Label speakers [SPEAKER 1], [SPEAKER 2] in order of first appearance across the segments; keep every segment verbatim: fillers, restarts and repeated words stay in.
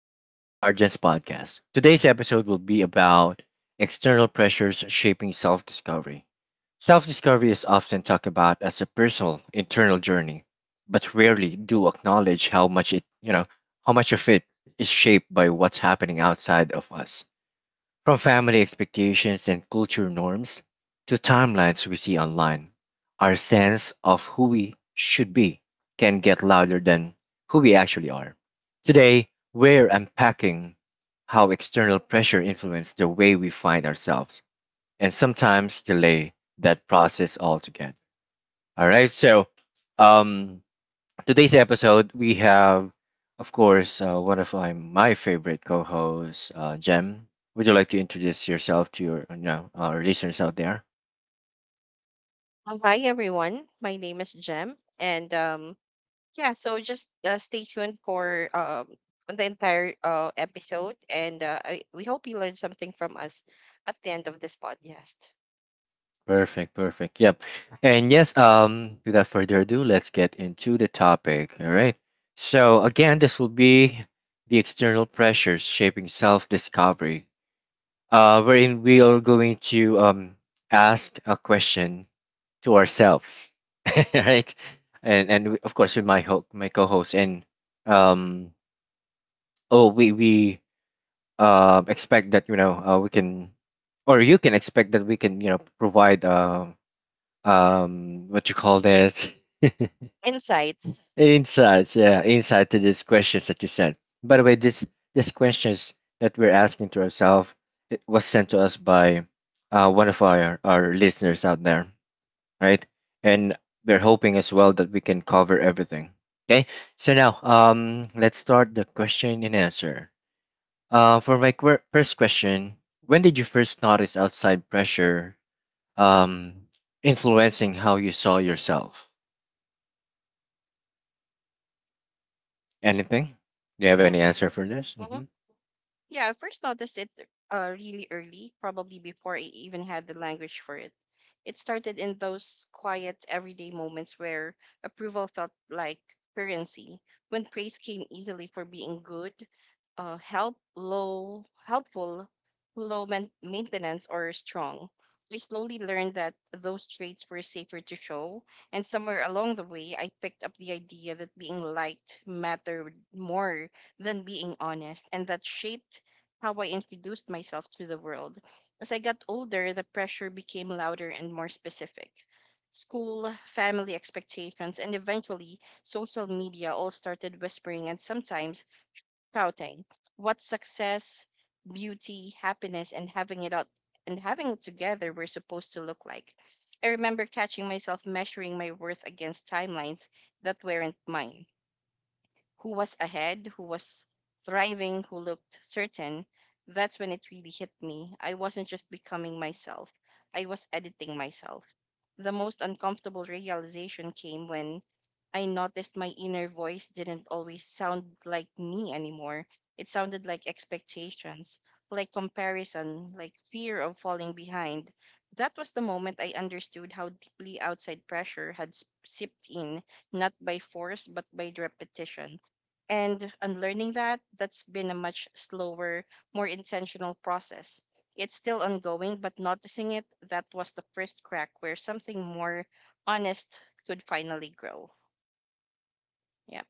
[SPEAKER 1] Welcome to Argent's podcast. Today's episode will be about external pressures shaping self discovery. Self discovery is often talked about as a personal, internal journey, but rarely do acknowledge how much it, you know, how much of it is shaped by what's happening outside of us. From family expectations and culture norms to timelines we see online, our sense of who we should be can get louder than who we actually are. Today, we're unpacking how external pressure influences the way we find ourselves and sometimes delay that process altogether. All right, so um, Today's episode, we have, of course, uh, one of my, my favorite co hosts, uh, Jem. Would you like to introduce yourself to your you know, our listeners out there?
[SPEAKER 2] Uh, Hi everyone, my name is Jem, and um, yeah, so just uh, stay tuned for um the entire uh episode, and uh, I, we hope you learned something from us at the end of this podcast.
[SPEAKER 1] Perfect, perfect. Yep. And yes, um, without further ado, let's get into the topic. All right. So, again, this will be the external pressures shaping self discovery, uh, wherein we are going to um, ask a question to ourselves, right? And and we- of course with my ho- my co-host and um oh we we um expect that you know uh, we can, or you can expect that we can you know provide um um what you call this
[SPEAKER 2] Insights,
[SPEAKER 1] insights. Yeah, insight to these questions that you sent. By the way, this these questions that we're asking to ourselves, it was sent to us by uh, one of our our listeners out there. Right? And we're hoping as well that we can cover everything. Okay, so now um, let's start the question and answer. Uh, for my qu- first question, when did you first notice outside pressure um, influencing how you saw yourself? Anything? Do you have
[SPEAKER 2] yeah.
[SPEAKER 1] any answer for this?
[SPEAKER 2] Mm-hmm.
[SPEAKER 1] Hmm.
[SPEAKER 2] Yeah, I first noticed it uh, really early, probably before I even had the language for it. It started in those quiet, everyday moments where approval felt like currency, when praise came easily for being good, uh, help, low, helpful, low man- maintenance, or strong. I slowly learned that those traits were safer to show, and somewhere along the way, I picked up the idea that being liked mattered more than being honest, and that shaped how I introduced myself to the world. As I got older, the pressure became louder and more specific. School, family expectations, and eventually social media all started whispering and sometimes shouting what success, beauty, happiness, and having it out and having it together were supposed to look like. I remember catching myself measuring my worth against timelines that weren't mine, who was ahead, who was thriving, who looked certain. That's when it really hit me. I wasn't just becoming myself, I was editing myself. The most uncomfortable realization came when I noticed my inner voice didn't always sound like me anymore. It sounded like expectations, like comparison, like fear of falling behind. That was the moment I understood how deeply outside pressure had s- seeped in, not by force, but by repetition, and unlearning that, that's been a much slower, more intentional process. It's still ongoing, but noticing it, that was the first crack where something more honest could finally grow. Yep,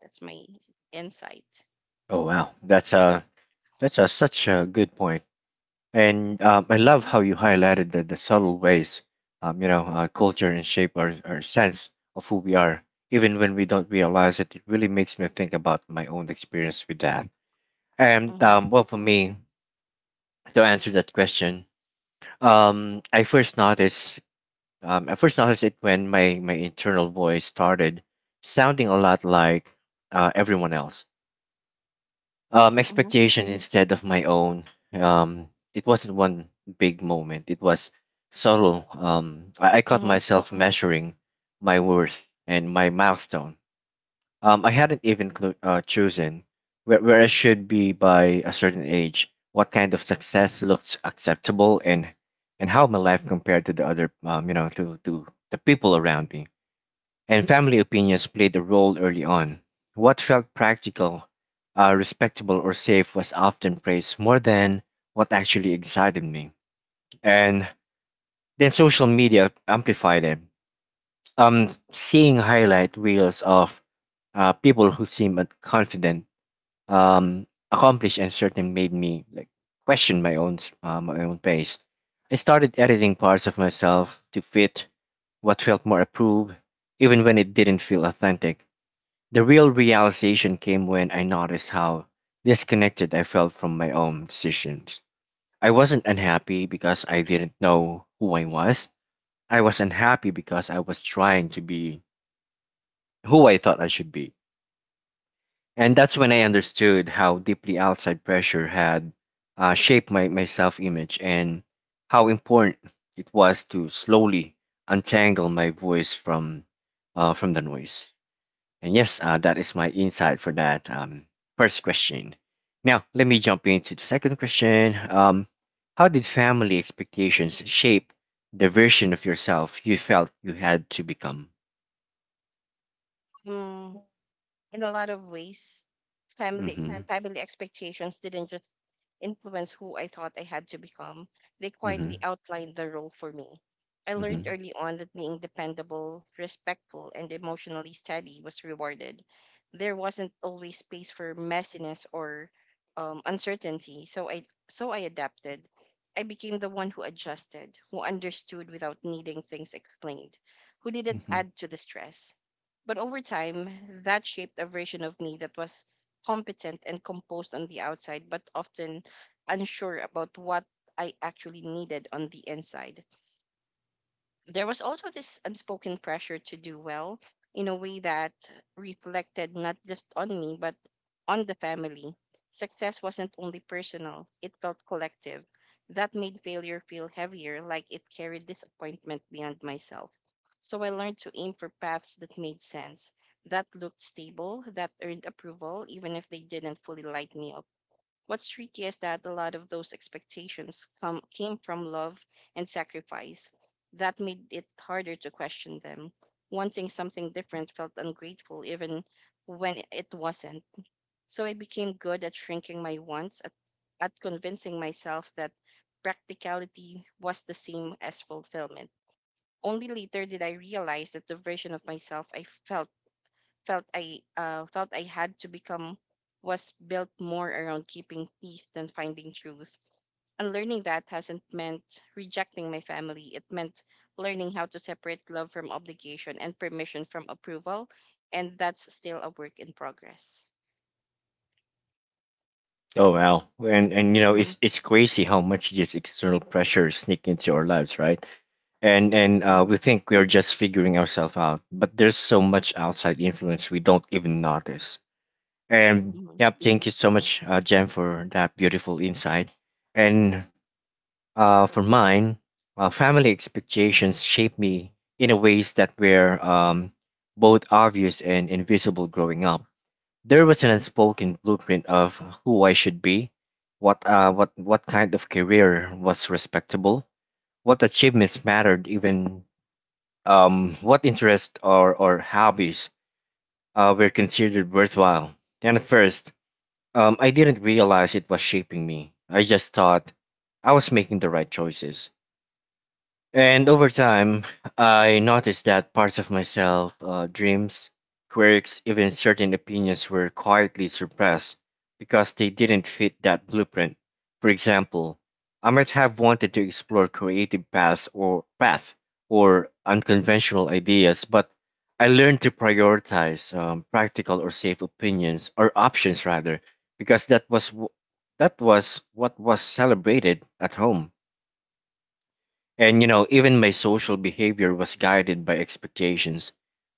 [SPEAKER 2] that's my insight.
[SPEAKER 1] Oh wow, that's a that's a such a good point. And um, I love
[SPEAKER 2] Mm-hmm,
[SPEAKER 1] how you highlighted the, the subtle ways, um, you know, uh, culture and shape our, our sense of who we are, even when we don't realize it. It really makes me think about my own experience with that. And
[SPEAKER 2] mm-hmm,
[SPEAKER 1] um, well, for me, to answer that question, um, I first noticed, um, I first noticed it when my my internal voice started sounding a lot like uh, everyone else um expectation instead of my own. um it wasn't one big moment, it was subtle. um I, I caught
[SPEAKER 2] mm-hmm,
[SPEAKER 1] myself measuring my worth and my milestone, um I hadn't even clu uh, chosen where, where I should be by a certain age, what kind of success looks acceptable, and and how my life compared to the other um you know to to the people around me. And family opinions played a role early on. What felt practical, uh, respectable, or safe was often praised more than what actually excited me. And then social media amplified it. Um, seeing highlight reels of uh, people who seemed confident, um, accomplished, and certain made me like question my own s- uh, my own pace. I started editing parts of myself to fit what felt more approved, even when it didn't feel authentic. The real realization came when I noticed how disconnected I felt from my own decisions. I wasn't unhappy because I didn't know who I was. I was unhappy because I was trying to be who I thought I should be. And that's when I understood how deeply outside pressure had uh, shaped my, my self image, and how important it was to slowly untangle my voice from, uh, from the noise. And yes, uh, that is my insight for that um, first question. Now, let me jump into the second question. Um, how did family expectations shape the version of yourself you felt you had to become?
[SPEAKER 2] mm-hmm. In a lot of ways, family
[SPEAKER 1] Mm-hmm. Right.
[SPEAKER 2] family expectations didn't just influence who I thought I had to become. They quietly
[SPEAKER 1] Mm-hmm.
[SPEAKER 2] outlined the role for me. I learned
[SPEAKER 1] Mm-hmm.
[SPEAKER 2] early on that being dependable, respectful, and emotionally steady was rewarded. There wasn't always space for messiness or um, uncertainty, so I so I adapted. I became the one who adjusted, who understood without needing things explained, who didn't
[SPEAKER 1] Hmm.
[SPEAKER 2] add to the stress, but over time, that shaped a version of me that was competent and composed on the outside, but often unsure about what I actually needed on the inside. There was also this unspoken pressure to do well in a way that reflected not just on me, but on the family. Success wasn't only personal, it felt collective. That made failure feel heavier, like it carried disappointment beyond myself. So I learned to aim for paths that made sense, that looked stable, that earned approval, even if they didn't fully light me up. What's tricky is that a lot of those expectations come came from love and sacrifice. That made it harder to question them. Wanting something different felt ungrateful even when it wasn't. So I became good at shrinking my wants, at, at convincing myself that practicality was the same as fulfillment. Only later did I realize that the version of myself I felt felt I uh, felt I had to become was built more around keeping peace than finding truth. And learning that hasn't meant rejecting my family. It meant learning how to separate love from obligation and permission from approval, and that's still a work in progress.
[SPEAKER 1] Oh wow! And
[SPEAKER 2] Yep.
[SPEAKER 1] and you know,
[SPEAKER 2] Mm-hmm,
[SPEAKER 1] it's it's crazy how much these external pressures sneak into our lives, right? And and uh,
[SPEAKER 2] mm-hmm,
[SPEAKER 1] we think we're just figuring ourselves out, but there's so much outside influence we don't even notice. And yep, thank you so much, uh, Jen, for that beautiful insight. And uh, for mine, uh, family expectations shaped me in a ways that were um, both obvious and invisible growing up. There was an unspoken blueprint of who I should be, what uh, what what kind of career was respectable, what achievements mattered, even um, what interests or or hobbies uh, were considered worthwhile. Then first, um, I didn't realize it was shaping me. I just thought I was making the right choices. And over time, I noticed that parts of myself, uh, dreams, quirks, even certain opinions were quietly suppressed because they didn't fit that blueprint. For example, I might have wanted to explore creative paths or path or unconventional ideas, but I learned to prioritize um, practical or safe opinions or options rather, because that was w- that was what was celebrated at home. And you know, even my social behavior was guided by expectations.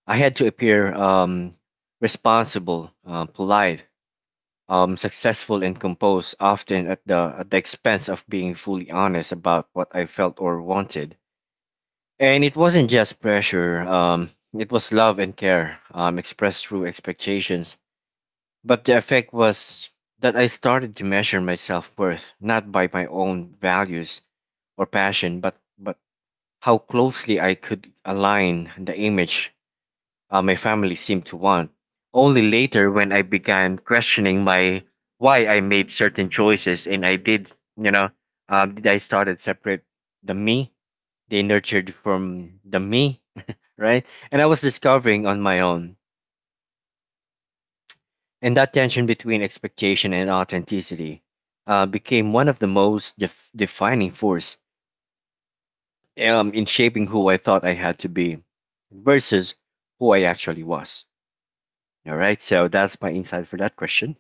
[SPEAKER 1] I had to appear um, responsible, uh, polite, um, successful, and composed, often at the at the expense of being fully honest about what I felt or wanted. And it wasn't just pressure; um, it was love and care um, expressed through expectations. But the effect was that I started to measure my self worth not by my own values or passion, but but how closely I could align the image uh, my family seemed to want. Only later, when I began questioning my why I made certain choices, and I did, you know, uh, I started separate the me they nurtured from the me, right? And I was discovering on my own, and that tension between expectation and authenticity uh, became one of the most def- defining force um, in shaping who I thought I had to be versus who I actually was. All right, so that's my insight for that question.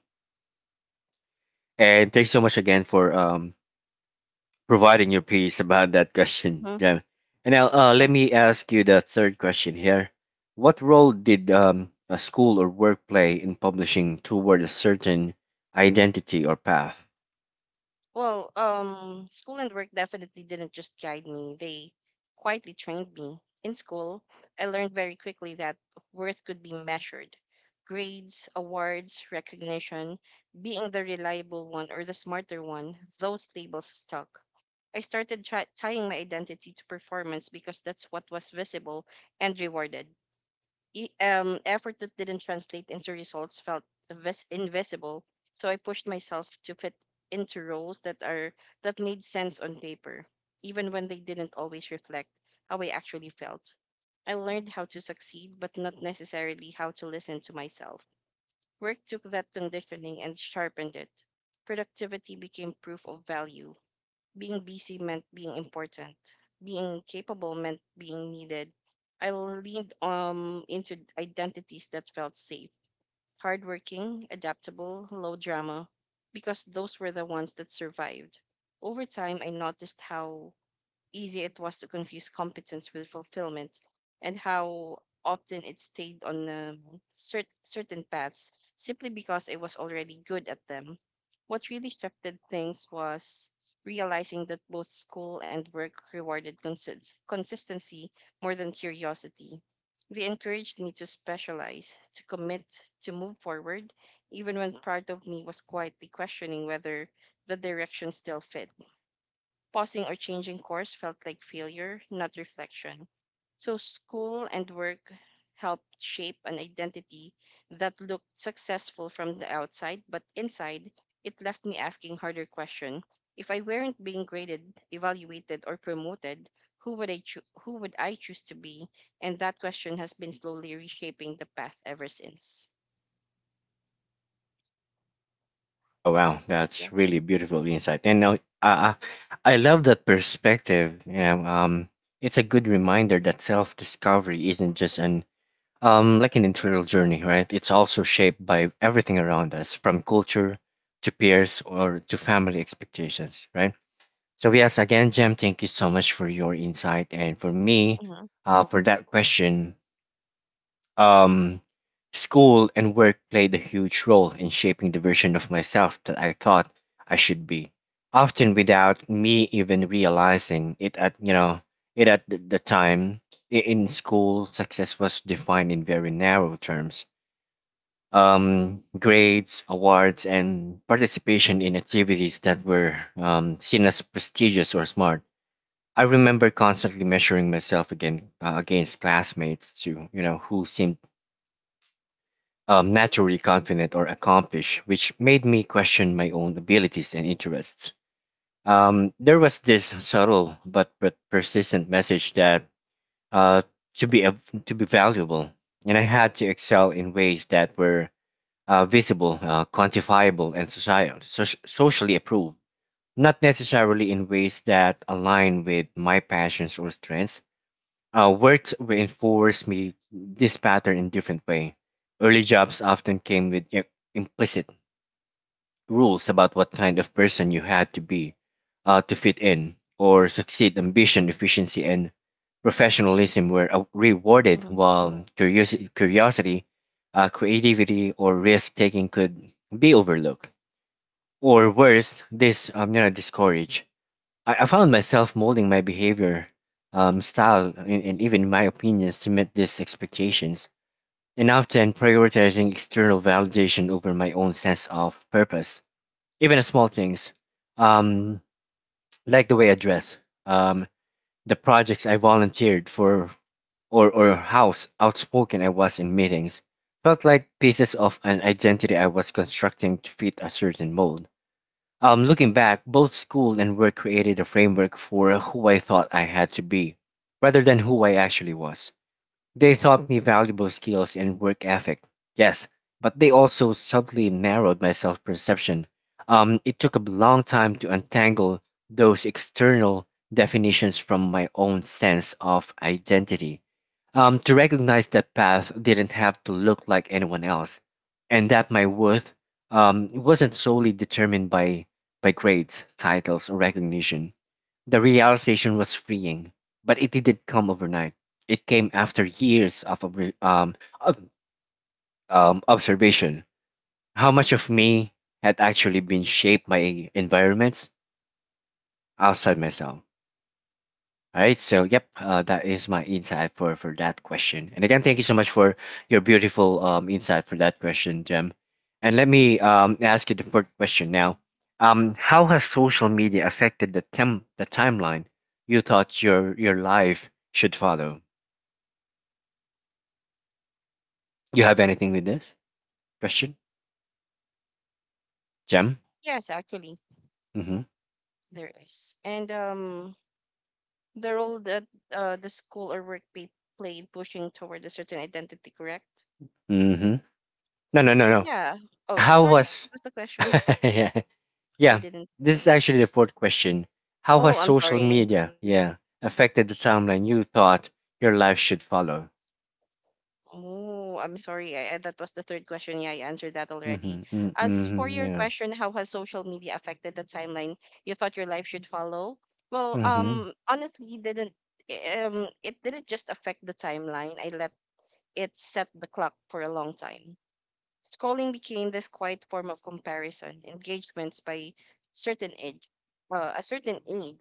[SPEAKER 1] And thanks so much again for um, providing your piece about that question,
[SPEAKER 2] mm-hmm.
[SPEAKER 1] Jem. And now uh, let me ask you the third question here. What role did um, a school or work play in publishing toward a certain identity or path?
[SPEAKER 2] Well, um, school and work definitely didn't just guide me, they quietly trained me. In school, I learned very quickly that worth could be measured. Grades, awards, recognition, being the reliable one or the smarter one, those labels stuck. I started try tying my identity to performance because that's what was visible and rewarded. E- um, effort that didn't translate into results felt vis- invisible. So I pushed myself to fit into roles that are that made sense on paper, even when they didn't always reflect how I actually felt. I learned how to succeed, but not necessarily how to listen to myself. Work took that conditioning and sharpened it. Productivity became proof of value, being busy meant being important. Being capable meant being needed. I leaned um into identities that felt safe, hardworking, adaptable, low drama, because those were the ones that survived. Over time, I noticed how easy it was to confuse competence with fulfillment, and how often it stayed on um, cer- certain paths simply because it was already good at them. What really shifted things was realizing that both school and work rewarded consist- consistency more than curiosity. They encouraged me to specialize, to commit, to move forward, even when part of me was quietly questioning whether the direction still fit. Pausing or changing course felt like failure, not reflection. So school and work helped shape an identity that looked successful from the outside, but inside, it left me asking harder questions. If I weren't being graded, evaluated, or promoted, who would I cho- who would I choose to be? And that question has been slowly reshaping the path ever since.
[SPEAKER 1] Oh wow, that's
[SPEAKER 2] Yes.
[SPEAKER 1] really beautiful insight. And now, uh, I love that perspective. You know, um, it's a good reminder that self-discovery isn't just an um like an internal journey, right? It's also shaped by everything around us, from culture to peers or to family expectations, right? So yes, again, Jem, thank you so much for your insight. And for me,
[SPEAKER 2] Mm-hmm.
[SPEAKER 1] uh, for that question. Um, School and work played a huge role in shaping the version of myself that I thought I should be, often without me even realizing it at you know it at the, the time. I- In school, success was defined in very narrow terms. Um, grades, awards, and participation in activities that were um, seen as prestigious or smart. I remember constantly measuring myself again uh, against classmates too, you know, who seemed um, naturally confident or accomplished, which made me question my own abilities and interests. Um, there was this subtle but, but persistent message that uh, to be av- to be valuable, and I had to excel in ways that were uh, visible, uh, quantifiable, and society, soc socially approved. Not necessarily in ways that align with my passions or strengths, uh, worked reinforced me this pattern in different way. Early jobs often came with i- implicit rules about what kind of person you had to be uh, to fit in or succeed. Ambition, efficiency, and professionalism were uh, rewarded,
[SPEAKER 2] Mm-hmm.
[SPEAKER 1] while curiosi- curiosity, uh, creativity, or risk taking could be overlooked. Or worse, this um, you know, discouraged. I, I found myself molding my behavior, um, style, and, and even my opinions to meet these expectations, and often prioritizing external validation over my own sense of purpose. Even the small things, um, like the way I dress, um, the projects I volunteered for, or, or how s- outspoken I was in meetings, felt like pieces of an identity I was constructing to fit a certain mold. Um, looking back, both school and work created a framework for who I thought I had to be, rather than who I actually was. They taught me valuable skills and work ethic, yes, but they also subtly narrowed my self perception. Um, it took a long time to untangle those external definitions from my own sense of identity, um, to recognize that path didn't have to look like anyone else, and that my worth um, wasn't solely determined by, by grades, titles, or recognition. The realization was freeing, but it didn't come overnight. It came after years of obr- um, ob- um, observation. How much of me had actually been shaped by environments outside myself. All right, so yep, uh, that is my insight for for that question. And again, thank you so much for your beautiful um, insight for that question, Jem. And let me um, ask you the fourth question now. Um, how has social media affected the tem- the timeline you thought your your life should follow? You have anything with this question, Jem?
[SPEAKER 2] Yes, actually,
[SPEAKER 1] Mm-hmm.
[SPEAKER 2] there is. And um, the role that uh, the school or work pay played pushing toward a certain identity, correct?
[SPEAKER 1] Mm-hmm. No, no, no, no.
[SPEAKER 2] Yeah. Oh,
[SPEAKER 1] How
[SPEAKER 2] sorry.
[SPEAKER 1] was?
[SPEAKER 2] What was the question?
[SPEAKER 1] yeah,
[SPEAKER 2] I
[SPEAKER 1] yeah.
[SPEAKER 2] didn't.
[SPEAKER 1] This is actually the fourth question. How has
[SPEAKER 2] Oh, I'm
[SPEAKER 1] social
[SPEAKER 2] sorry.
[SPEAKER 1] media, yeah, affected the timeline you thought your life should follow?
[SPEAKER 2] Oh, I'm sorry. I, I, that was the third question. Yeah, I answered that already.
[SPEAKER 1] Mm-hmm. Mm-hmm.
[SPEAKER 2] As for
[SPEAKER 1] Mm-hmm.
[SPEAKER 2] your
[SPEAKER 1] Yeah.
[SPEAKER 2] question, how has social media affected the timeline you thought your life should follow? Well,
[SPEAKER 1] Mm-hmm.
[SPEAKER 2] um, honestly, didn't um, it didn't just affect the timeline. I let it set the clock for a long time. Scrolling became this quiet form of comparison, engagements by certain age, uh, a certain age,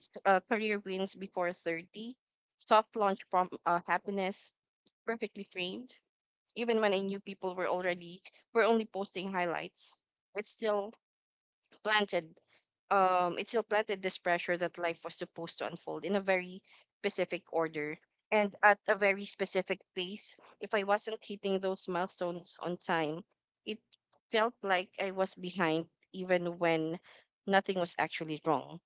[SPEAKER 2] s- uh, career wins before thirty, soft launch from uh, happiness, perfectly framed. Even when I knew people were already were only posting highlights, it still planted um, it still planted this pressure that life was supposed to unfold in a very specific order and at a very specific pace. If I wasn't hitting those milestones on time, it felt like I was behind even when nothing was actually wrong.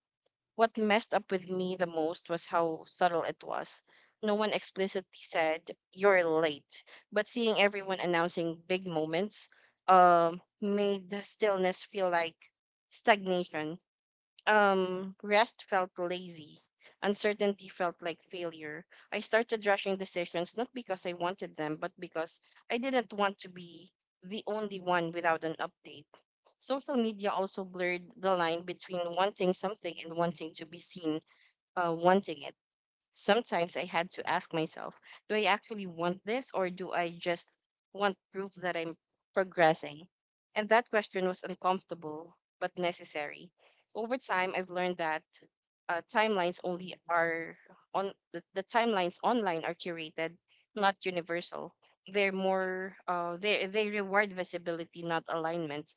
[SPEAKER 2] What messed up with me the most was how subtle it was. No one explicitly said, "You're late," but seeing everyone announcing big moments um, made the stillness feel like stagnation. Um, rest felt lazy. Uncertainty felt like failure. I started rushing decisions not because I wanted them, but because I didn't want to be the only one without an update. Social media also blurred the line between wanting something and wanting to be seen, uh, wanting it. Sometimes I had to ask myself, do I actually want this or do I just want proof that I'm progressing? And that question was uncomfortable but necessary. Over time, I've learned that uh, timelines only are on the, the timelines online are curated, not universal. They're more uh, they they reward visibility, not alignment.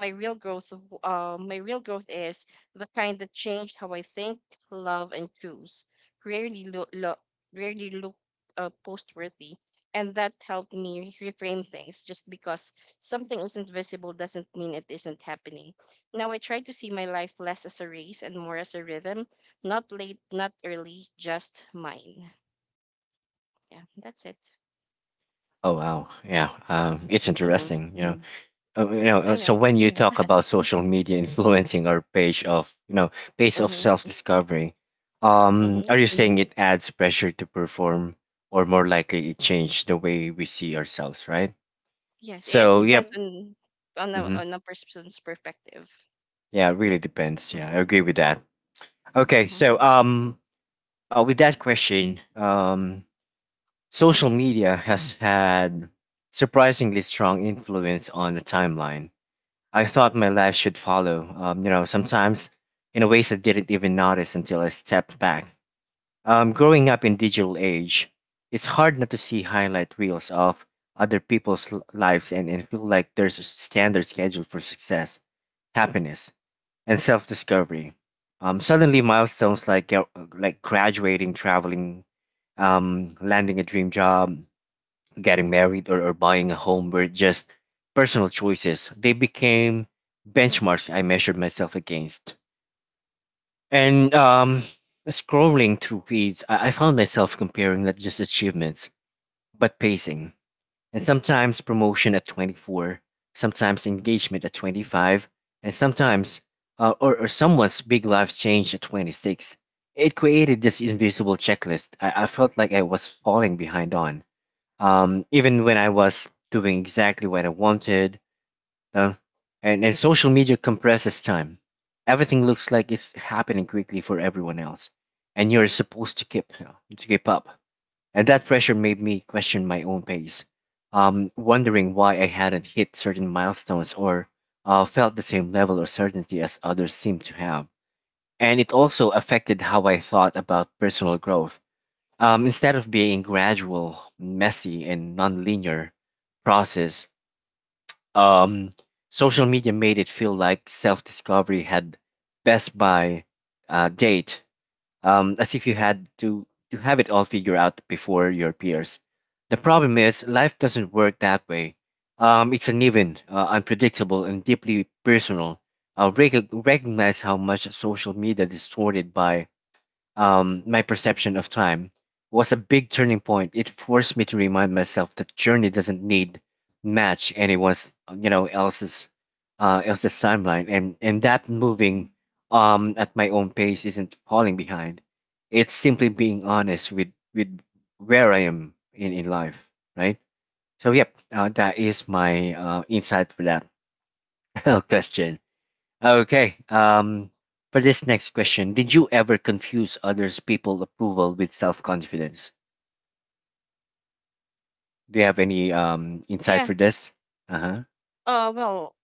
[SPEAKER 2] My real growth, w- uh, my real growth is the kind that changed how I think, love, and choose. rarely look lo- Rarely look uh, post worthy, and that helped me reframe things. Just because something isn't visible doesn't mean it isn't happening. Now I try to see my life less as a race and more as a rhythm, not late, not early, just mine. Yeah, that's it.
[SPEAKER 1] Oh wow. Yeah. Um, it's
[SPEAKER 2] Mm-hmm.
[SPEAKER 1] interesting. You know, uh, you know uh,
[SPEAKER 2] I
[SPEAKER 1] so
[SPEAKER 2] know.
[SPEAKER 1] when you talk about social media influencing our page of you know pace of
[SPEAKER 2] Mm-hmm.
[SPEAKER 1] self-discovery, um
[SPEAKER 2] Mm-hmm.
[SPEAKER 1] are you saying it adds pressure to perform or more likely it changed the way we see ourselves, right?
[SPEAKER 2] Yes, it
[SPEAKER 1] So
[SPEAKER 2] depends
[SPEAKER 1] yep.
[SPEAKER 2] on on a
[SPEAKER 1] Mm-hmm.
[SPEAKER 2] on a person's perspective.
[SPEAKER 1] Yeah, it really
[SPEAKER 2] Yep.
[SPEAKER 1] depends. Yeah, I
[SPEAKER 2] Mm-hmm.
[SPEAKER 1] agree with that. Okay.
[SPEAKER 2] Mm-hmm.
[SPEAKER 1] So um uh, with that question, um social media has had surprisingly strong influence on the timeline I thought my life should follow. Um, you know, sometimes in a ways I didn't even notice until I stepped back. Um, growing up in digital age, it's hard not to see highlight reels of other people's l- lives and, and feel like there's a standard schedule for success, happiness, and self-discovery. Um, suddenly milestones like uh, like graduating, traveling, um, landing a dream job, getting married or, or buying a home were just personal choices. They became benchmarks I measured myself against. And um, scrolling through feeds, I, I found myself comparing not just achievements, but pacing. And sometimes promotion at twenty-four, sometimes engagement at twenty-five, and sometimes, uh, or, or someone's big life change at twenty-six. It created this invisible checklist I, I felt like I was falling behind on, um, even when I was doing exactly what I wanted. Uh, and, and social media compresses time. Everything looks like it's happening quickly for everyone else, and you're supposed to keep uh, to keep up. And that pressure made me question my own pace, um, wondering why I hadn't hit certain milestones or uh, felt the same level of certainty as others seemed to have. And it also affected how I thought about personal growth, um, instead of being gradual, messy, and nonlinear process, um, social media made it feel like self-discovery had best by uh, date, um, as if you had to to have it all figured out before your peers. The problem is life doesn't work that way. Um, it's uneven, uh, unpredictable, and deeply personal. Uh, rec- recognize how much social media distorted by um, my perception of time was a big turning point. It forced me to remind myself that journey doesn't need match anyone's you know else's uh, else's timeline, and and that moving, um, at my own pace isn't falling behind. It's simply being honest with with where I am in in life, right? So yep, uh, that is my uh, insight for that question. Okay. Um, for this next question, did you ever confuse others' people approval with self confidence? Do you have any, um, insight
[SPEAKER 2] Yeah.
[SPEAKER 1] for this? Uh huh.
[SPEAKER 2] Uh. Well.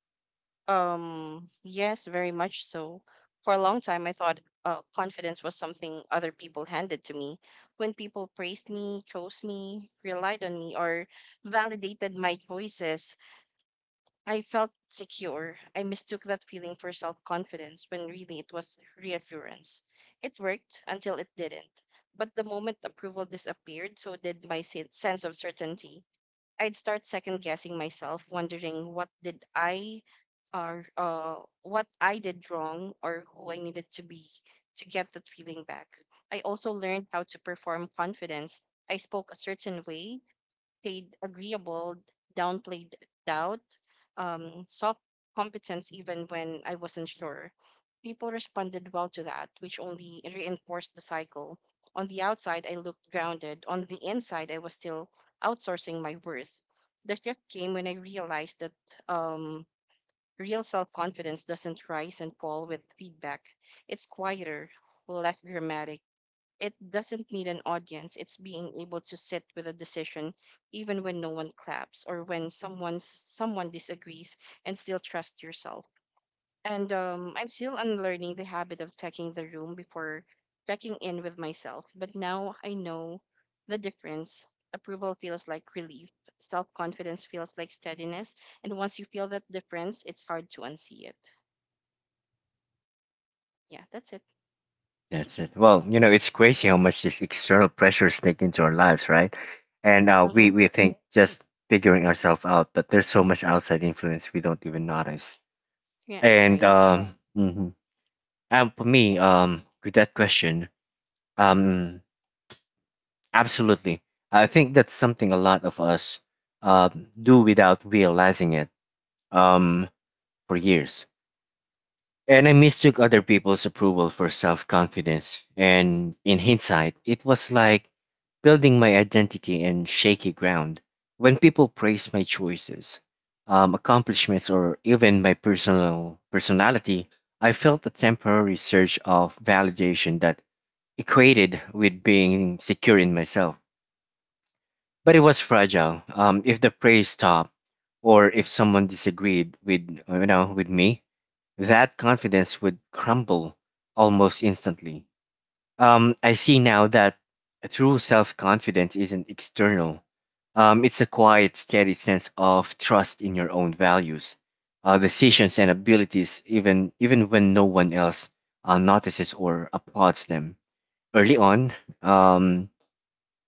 [SPEAKER 2] Um, yes, very much so. For a long time, I thought uh, confidence was something other people handed to me. When people praised me, chose me, relied on me, or validated my choices, I felt secure. I mistook that feeling for self confidence when really it was reassurance. It worked until it didn't. But the moment approval disappeared, so did my se- sense of certainty. I'd start second guessing myself, wondering what did I or uh, what I did wrong or who I needed to be to get that feeling back. I also learned how to perform confidence. I spoke a certain way, played agreeable, downplayed doubt, um, soft competence even when I wasn't sure. People responded well to that, which only reinforced the cycle. On the outside, I looked grounded. On the inside, I was still outsourcing my worth. The shift came when I realized that um, real self confidence doesn't rise and fall with feedback. It's quieter, less dramatic, it doesn't need an audience. It's being able to sit with a decision even when no one claps or when someone's someone disagrees, and still trust yourself. And um, I'm still unlearning the habit of checking the room before checking in with myself. But now I know the difference. Approval feels like relief. Self confidence feels like steadiness. And once you feel that difference, it's hard to unsee it. Yeah, that's it.
[SPEAKER 1] That's it. Well, you know, it's crazy how much these external pressures sneak into our lives, right? And uh, we
[SPEAKER 2] Mm-hmm.
[SPEAKER 1] we think just figuring ourselves out, but there's so much outside influence we don't even notice.
[SPEAKER 2] Yeah,
[SPEAKER 1] And
[SPEAKER 2] right.
[SPEAKER 1] um, mhm. And for me, um, with that question, um, absolutely. I think that's something a lot of us, um, do without realizing it, um, for years. And I mistook other people's approval for self confidence. And in hindsight, it was like building my identity in shaky ground. When people praise my choices, um, accomplishments, or even my personal personality, I felt a temporary surge of validation that equated with being secure in myself. But it was fragile. Um, if the praise stopped, or if someone disagreed with you know with me, that confidence would crumble almost instantly. Um, I see now that a true self-confidence isn't external. Um, it's a quiet, steady sense of trust in your own values, uh, decisions, and abilities, even even when no one else uh, notices or applauds them. Early on, um,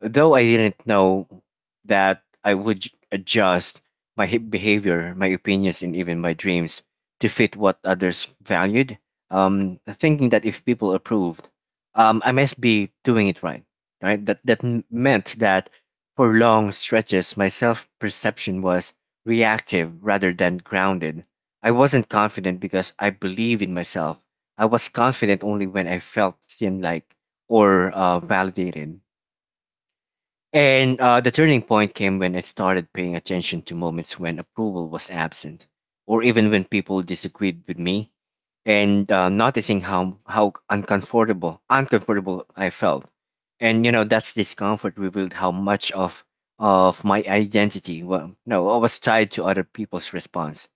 [SPEAKER 1] though I didn't know that I would j- adjust my hi- behavior, my opinions, and even my dreams to fit what others valued, um, thinking that if people approved, um, I must be doing it right. Right? That that m- meant that for long stretches, my self perception was reactive rather than grounded. I wasn't confident because I believed in myself. I was confident only when I felt seen, like or uh, validated. And uh, the turning point came when I started paying attention to moments when approval was absent, or even when people disagreed with me, and uh, noticing how how uncomfortable uncomfortable I felt. And you know that's discomfort revealed how much of of my identity well no I was tied to other people's response.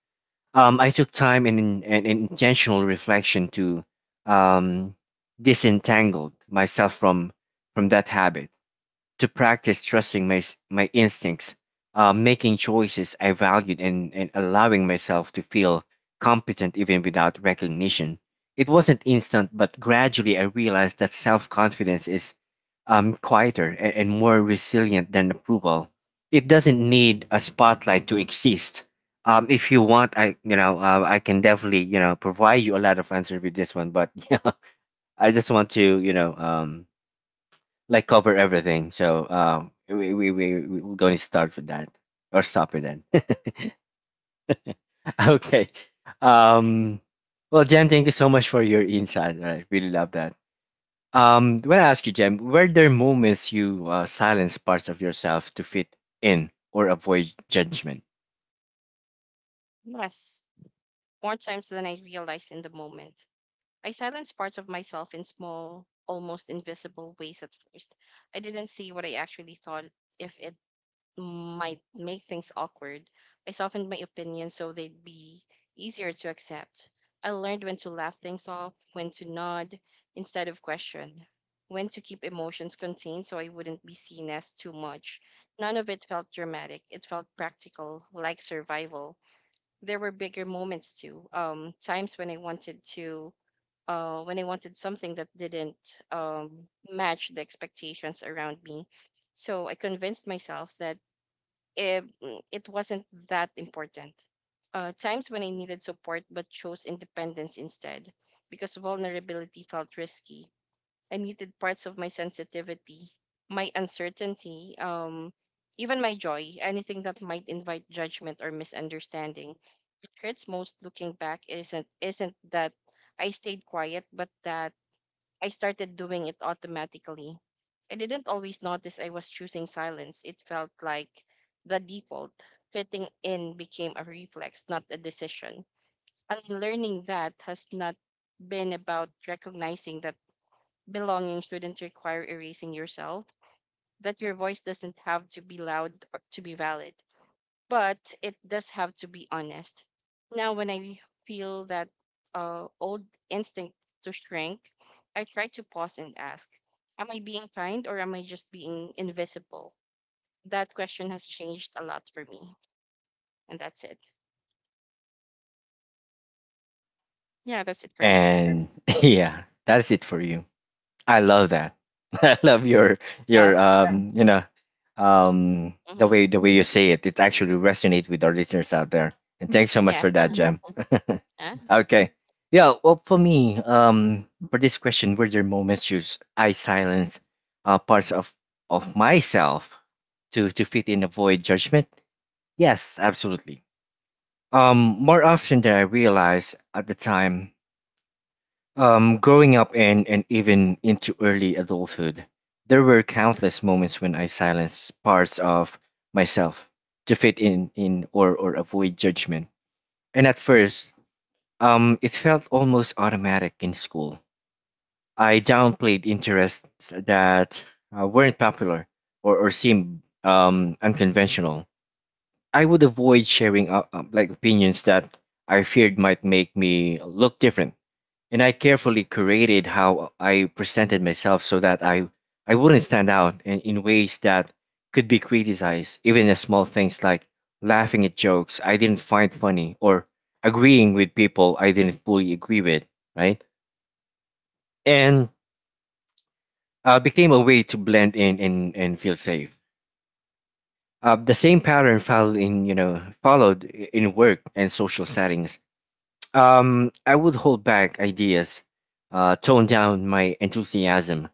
[SPEAKER 1] Um, I took time and, and intentional reflection to, um, disentangle myself from from that habit to practice trusting my s- my instincts, uh, making choices I valued, and and allowing myself to feel competent even without recognition. It wasn't instant, but gradually I realized that self confidence is, um, quieter and, and more resilient than approval. It doesn't need a spotlight to exist. Um, if you want, I you know uh, I can definitely, you know provide you a lot of answer with this one, but I just want to, you know um, like cover everything. So um, we we we we- we're going to start with that or stop with that. Okay. Um, well, Jem, thank you so much for your insight. I really love that. Um, when I ask you, Jem, were there moments you, uh, silenced parts of yourself to fit in or avoid judgment?
[SPEAKER 2] Yes, more times than I realized in the moment. I silenced parts of myself in small, almost invisible ways at first. I didn't see what I actually thought if it might make things awkward. I softened my opinions so they'd be easier to accept. I learned when to laugh things off, when to nod instead of question, when to keep emotions contained so I wouldn't be seen as too much. None of it felt dramatic. It felt practical, like survival. There were bigger moments too, um, times when I wanted to uh, when I wanted something that didn't um, match the expectations around me. So I convinced myself that it, mm, it wasn't that important. Uh, times when I needed support but chose independence instead because vulnerability felt risky. I muted parts of my sensitivity, my uncertainty, um, even my joy, anything that might invite judgment or misunderstanding. What hurts most looking back isn't isn't that I stayed quiet, but that I started doing it automatically. I didn't always notice I was choosing silence. It felt like the default. Fitting in became a reflex, not a decision. Unlearning that has not been about recognizing that belonging shouldn't require erasing yourself, that your voice doesn't have to be loud or to be valid, but it does have to be honest. Now, when I feel that uh, old instinct to shrink, I try to pause and ask, am I being kind or am I just being invisible? That question has changed a lot for me. And that's it. Yeah, that's it for me.
[SPEAKER 1] And yeah, that's it for you. I love that. I love your your
[SPEAKER 2] Oh,
[SPEAKER 1] yeah. um you know um the
[SPEAKER 2] hmm,
[SPEAKER 1] way the way you say it. It actually resonates with our listeners out there. And thanks so much
[SPEAKER 2] yeah.
[SPEAKER 1] for that, mhm, Jem.
[SPEAKER 2] Yeah.
[SPEAKER 1] Okay. Yeah, well for me, um, for this question, were there moments you s- I silence, uh, parts of of myself to to fit in avoid judgment? Yes, absolutely. Um, more often than I realized at the time. Um, growing up and, and even into early adulthood, there were countless moments when I silenced parts of myself to fit in, in or, or avoid judgment. And at first, um, it felt almost automatic in school. I downplayed interests that uh, weren't popular or, or seemed, um, unconventional. I would avoid sharing uh, uh, like opinions that I feared might make me look different, and I carefully curated how I presented myself so that I I wouldn't stand out in, in ways that could be criticized, even as small things like laughing at jokes I didn't find funny or agreeing with people I didn't fully agree with, right? And uh, became a way to blend in and, and feel safe. Uh, the same pattern followed in you know followed i- in work and social settings. Um, I would hold back ideas, uh, tone down my enthusiasm,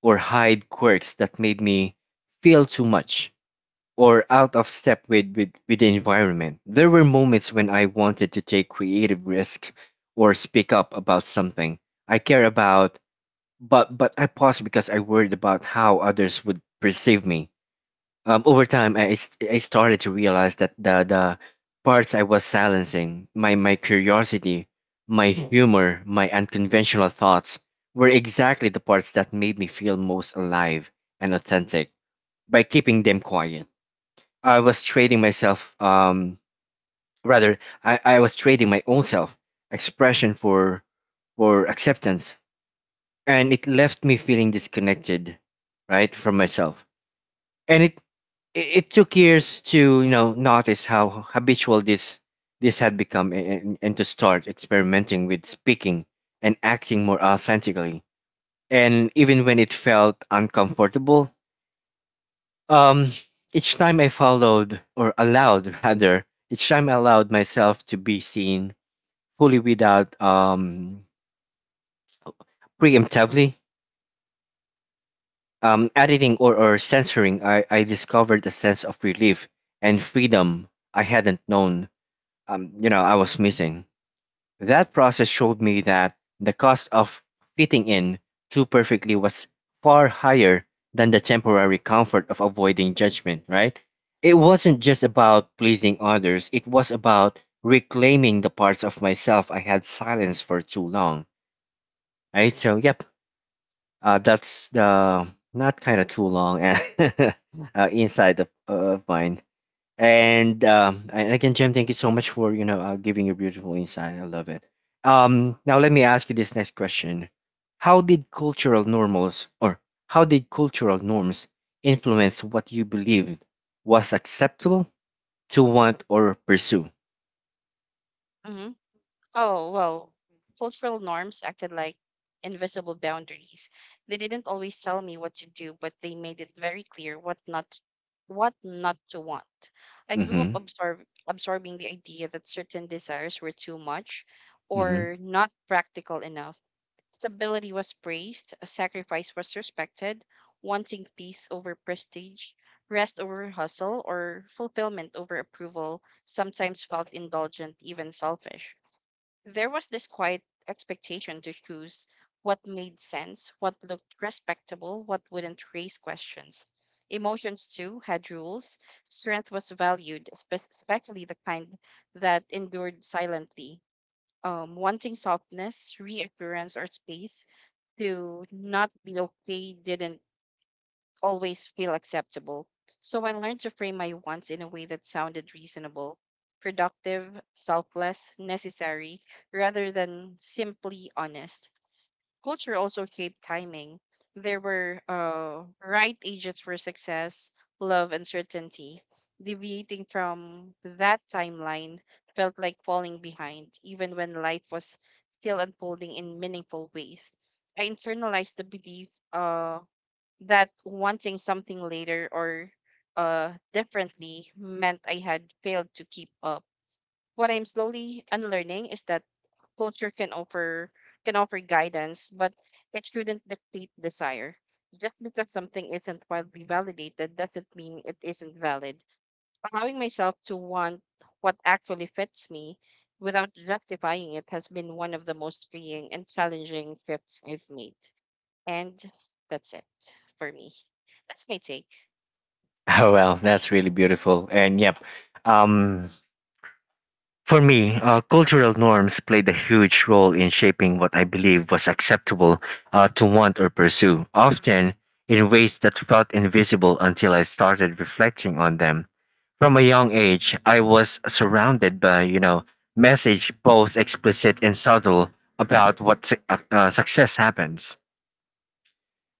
[SPEAKER 1] or hide quirks that made me feel too much or out of step with, with, with the environment. There were moments when I wanted to take creative risks or speak up about something I care about, but, but I paused because I worried about how others would perceive me. Um, over time I, s- I started to realize that the the parts I was silencing, my my curiosity, my humor, my unconventional thoughts, were exactly the parts that made me feel most alive and authentic. By keeping them quiet, I was trading myself, um rather I, I was trading my own self expression for for acceptance, and it left me feeling disconnected, right, from myself. And it it, it took years to, you know, notice how habitual this this had become, and, and to start experimenting with speaking and acting more authentically, and even when it felt uncomfortable, um, each time I followed or allowed rather, each time I allowed myself to be seen fully without, um, preemptively, um, editing or, or censoring, i i discovered a sense of relief and freedom I hadn't known, um, you know, I was missing. That process showed me that the cost of fitting in too perfectly was far higher than the temporary comfort of avoiding judgment, right? It wasn't just about pleasing others, it was about reclaiming the parts of myself I had silenced for too long, right? So, yep, uh, that's the not kind of too long uh, uh, inside of, of mine. And um, and again, Jem, thank you so much for, you know uh, giving your beautiful insight. I love it. Um, now let me ask you this next question: how did cultural normals, or how did cultural norms, influence what you believed was acceptable to want or pursue?
[SPEAKER 2] Oh, well, cultural norms acted like invisible boundaries. They didn't always tell me what to do, but they made it very clear what not what not to want. I grew up
[SPEAKER 1] Mm-hmm.
[SPEAKER 2] absorb, absorbing the idea that certain desires were too much
[SPEAKER 1] Mm-hmm.
[SPEAKER 2] or not practical enough. Stability was praised, a sacrifice was respected, wanting peace over prestige, rest over hustle, or fulfillment over approval sometimes felt indulgent, even selfish. There was this quiet expectation to choose what made sense, what looked respectable, what wouldn't raise questions. Emotions, too, had rules. Strength was valued, espe- especially the kind that endured silently. Um, wanting softness, reassurance, or space to not be okay didn't always feel acceptable. So I learned to frame my wants in a way that sounded reasonable, productive, selfless, necessary, rather than simply honest. Culture also shaped timing. There were uh, right ages for success, love, and certainty. Deviating from that timeline felt like falling behind, even when life was still unfolding in meaningful ways. I internalized the belief uh, that wanting something later or uh, differently meant I had failed to keep up. What I'm slowly unlearning is that culture can offer can offer guidance, but it shouldn't dictate desire. Just because something isn't widely validated doesn't mean it isn't valid. Allowing myself to want what actually fits me without justifying it has been one of the most freeing and challenging shifts I've made. And that's it for me. That's my take.
[SPEAKER 1] Oh well, that's really beautiful. And yep, um, For me, uh, cultural norms played a huge role in shaping what I believe was acceptable uh, to want or pursue, often in ways that felt invisible until I started reflecting on them. From a young age, I was surrounded by, you know, message both explicit and subtle about what su- uh, uh, success happens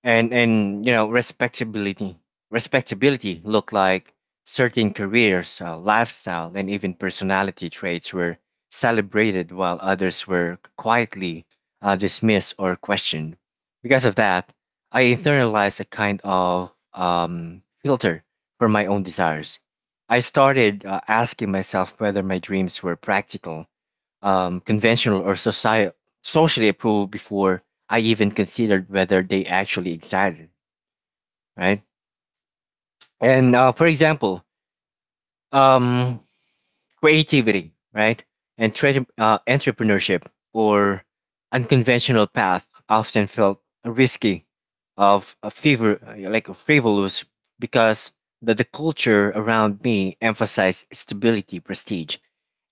[SPEAKER 1] and and you know respectability respectability look like certain careers uh, lifestyle and even personality traits were celebrated while others were quietly uh, dismissed or questioned. Because of that, I internalized a kind of um, filter for my own desires. I started uh, asking myself whether my dreams were practical, um, conventional or society socially approved before I even considered whether they actually excited, right? And uh, for example, um, creativity, right, and tre- uh, entrepreneurship or unconventional path often felt risky, of a fever, like a frivolous, because the, the culture around me emphasized stability, prestige,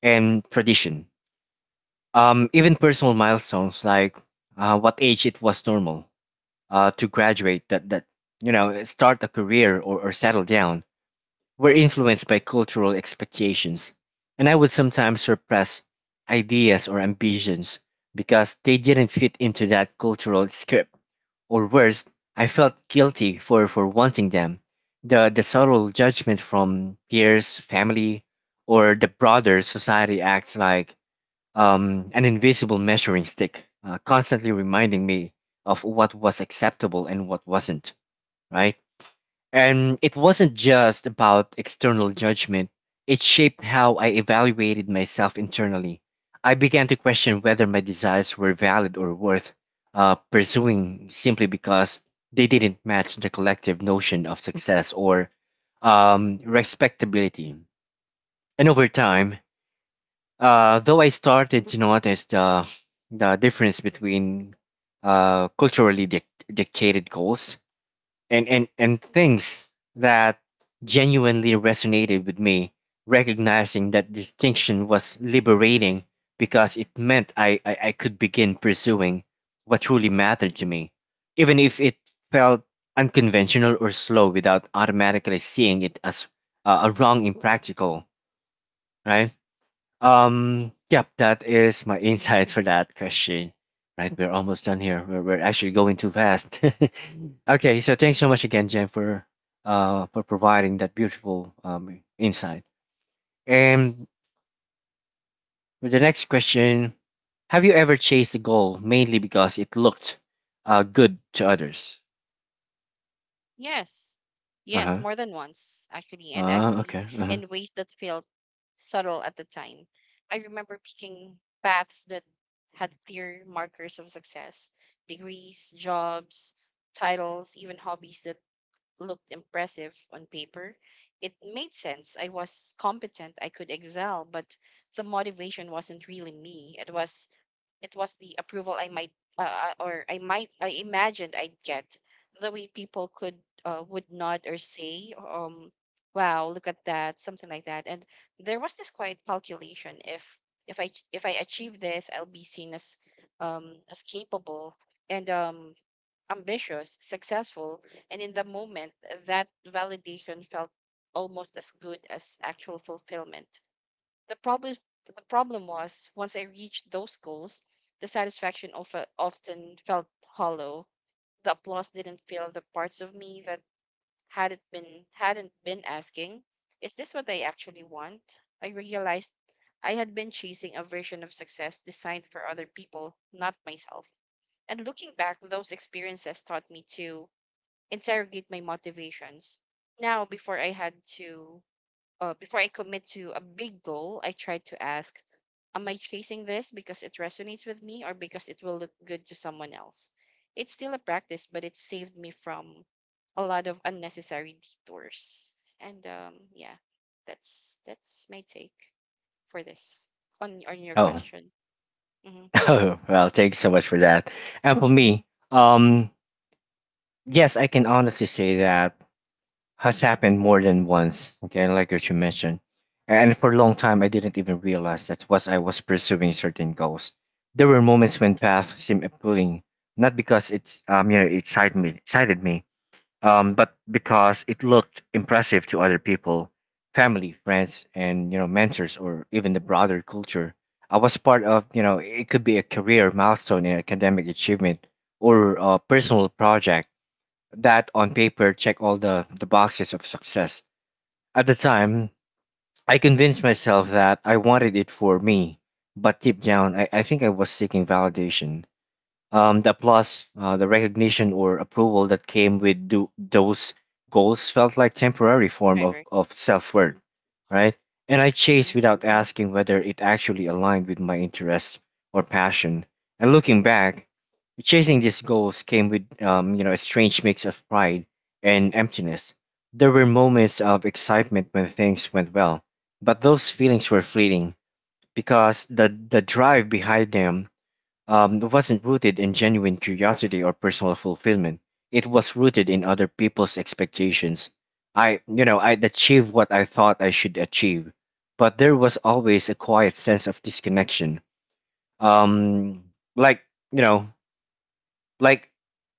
[SPEAKER 1] and tradition. Um, even personal milestones like uh, what age it was normal uh, to graduate, that that you know, start a career or, or settle down, were influenced by cultural expectations, and I would sometimes suppress ideas or ambitions because they didn't fit into that cultural script. Or worse, I felt guilty for for wanting them. The the subtle judgment from peers, family, or the broader society acts like um, an invisible measuring stick, uh, constantly reminding me of what was acceptable and what wasn't, right? And it wasn't just about external judgment, it shaped how I evaluated myself internally. I began to question whether my desires were valid or worth uh, pursuing simply because they didn't match the collective notion of success or um, respectability. And over time, uh, though I started to notice the the difference between uh, culturally dic- dictated goals and, and, and things that genuinely resonated with me. Recognizing that distinction was liberating because it meant I, I, I could begin pursuing what truly mattered to me, even if it felt unconventional or slow without automatically seeing it as uh, a wrong impractical, right? Um, yep, that is my insight for that question. Right, we're almost done here. We're, we're actually going too fast. Okay, so thanks so much again, Jen, for uh for providing that beautiful um insight. And for the next question, have you ever chased a goal mainly because it looked uh good to others?
[SPEAKER 2] Yes.
[SPEAKER 1] Uh
[SPEAKER 2] Yes,
[SPEAKER 1] huh.
[SPEAKER 2] more than once, actually, and
[SPEAKER 1] Uh,
[SPEAKER 2] actually
[SPEAKER 1] okay. Uh huh.
[SPEAKER 2] in ways that felt subtle at the time. I remember picking paths that had clear markers of success, degrees, jobs, titles, even hobbies that looked impressive on paper. It made sense. I was competent, I could excel, but the motivation wasn't really me. It was It was the approval I might uh, uh, or I might I imagined I'd get. The way people could uh, would nod or say, um, "Wow, look at that," something like that. And there was this quiet calculation: if if I if I achieve this, I'll be seen as um, as capable and um, ambitious, successful. And in the moment, that validation felt almost as good as actual fulfillment. The problem the problem was once I reached those goals, the satisfaction of, often felt hollow. The applause didn't fill the parts of me that hadn't been hadn't been asking, is this what I actually want? I realized I had been chasing a version of success designed for other people, not myself. And looking back, those experiences taught me to interrogate my motivations. Now, before I had to uh, before I commit to a big goal, I try to ask, am I chasing this because it resonates with me or because it will look good to someone else? It's still a practice, but it saved me from a lot of unnecessary detours. And um, yeah, that's that's my take for this on on your
[SPEAKER 1] Oh.
[SPEAKER 2] question. Mm-hmm,
[SPEAKER 1] Oh well, thanks so much for that. And for
[SPEAKER 2] mm-hmm,
[SPEAKER 1] me, um, yes, I can honestly say that has happened more than once. Okay, like what you mentioned, and for a long time I didn't even realize that was I was pursuing certain goals. There were moments when paths seemed appealing, not because it um you know it excited me, excited me, um, but because it looked impressive to other people, family, friends, and you know mentors, or even the broader culture. I was part of you know it could be a career milestone, an academic achievement, or a personal project that on paper check all the, the boxes of success. At the time, I convinced myself that I wanted it for me, but deep down, I, I think I was seeking validation, um, the applause, uh, the recognition or approval that came with do- those goals felt like temporary form
[SPEAKER 2] right,
[SPEAKER 1] of,
[SPEAKER 2] right.
[SPEAKER 1] of self-worth,
[SPEAKER 2] Mm-hmm,
[SPEAKER 1] right? And I
[SPEAKER 2] mm-hmm,
[SPEAKER 1] chased without asking whether it actually aligned with my interests or passion. And looking back, chasing these goals came with um, you know a strange mix of pride and emptiness. There were moments of excitement when things went well, but those feelings were fleeting because the the drive behind them um, wasn't rooted in genuine curiosity or personal fulfillment. It was rooted in other people's expectations. I, you know, I'd achieve what I thought I should achieve, but there was always a quiet sense of disconnection. Um, like, you know, like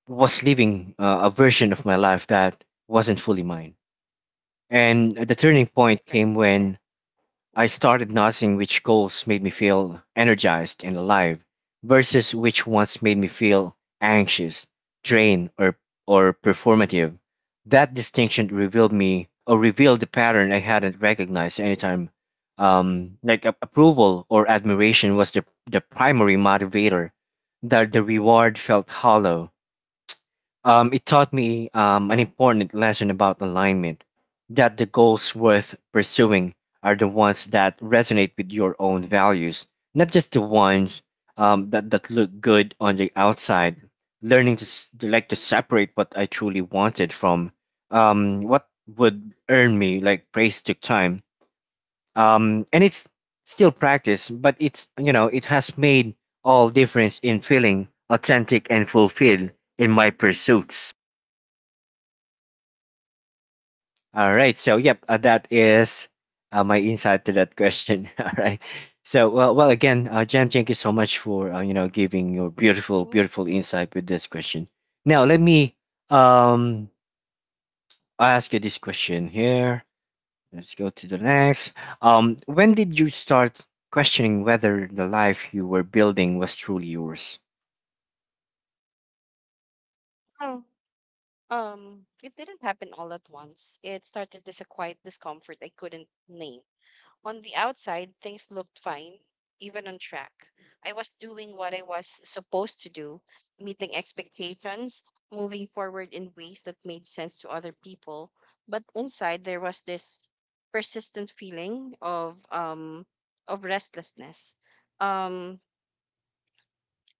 [SPEAKER 1] was living uh, a version of my life that wasn't fully mine. And the turning point
[SPEAKER 2] right, right.
[SPEAKER 1] came when I
[SPEAKER 2] Mm-hmm,
[SPEAKER 1] started noticing which goals made me feel energized and alive versus which ones made me feel anxious, drained, or or performative. That distinction revealed me or revealed the pattern I hadn't recognized anytime. Um, like a- approval or admiration was the the primary motivator. That the reward felt hollow, um, it taught me um, an important lesson about alignment, that the goals worth pursuing are the ones that resonate with your own values, not just the ones um, that, that look good on the outside. Learning to, s- to like to separate what I truly wanted from um, what would earn me like praise took time. Um, and it's still practice, but it's you know it has made all difference in feeling authentic and fulfilled in my pursuits. All right. So, yep, uh, that is uh, my insight to that question. All right. So, well, well, again, uh, Jan, thank you so much for uh, you know giving your beautiful,
[SPEAKER 2] mm-hmm.
[SPEAKER 1] beautiful insight with this question. Now, let me um ask you this question here. Let's go to the next. Um, when did you start questioning whether the life you were building was truly yours?
[SPEAKER 2] Well, um, it didn't happen all at once. It started as a quiet discomfort I couldn't name. On the outside, things looked fine, even on track. I was doing what I was supposed to do, meeting expectations, moving forward in ways that made sense to other people. But inside, there was this persistent feeling of um of restlessness. Um,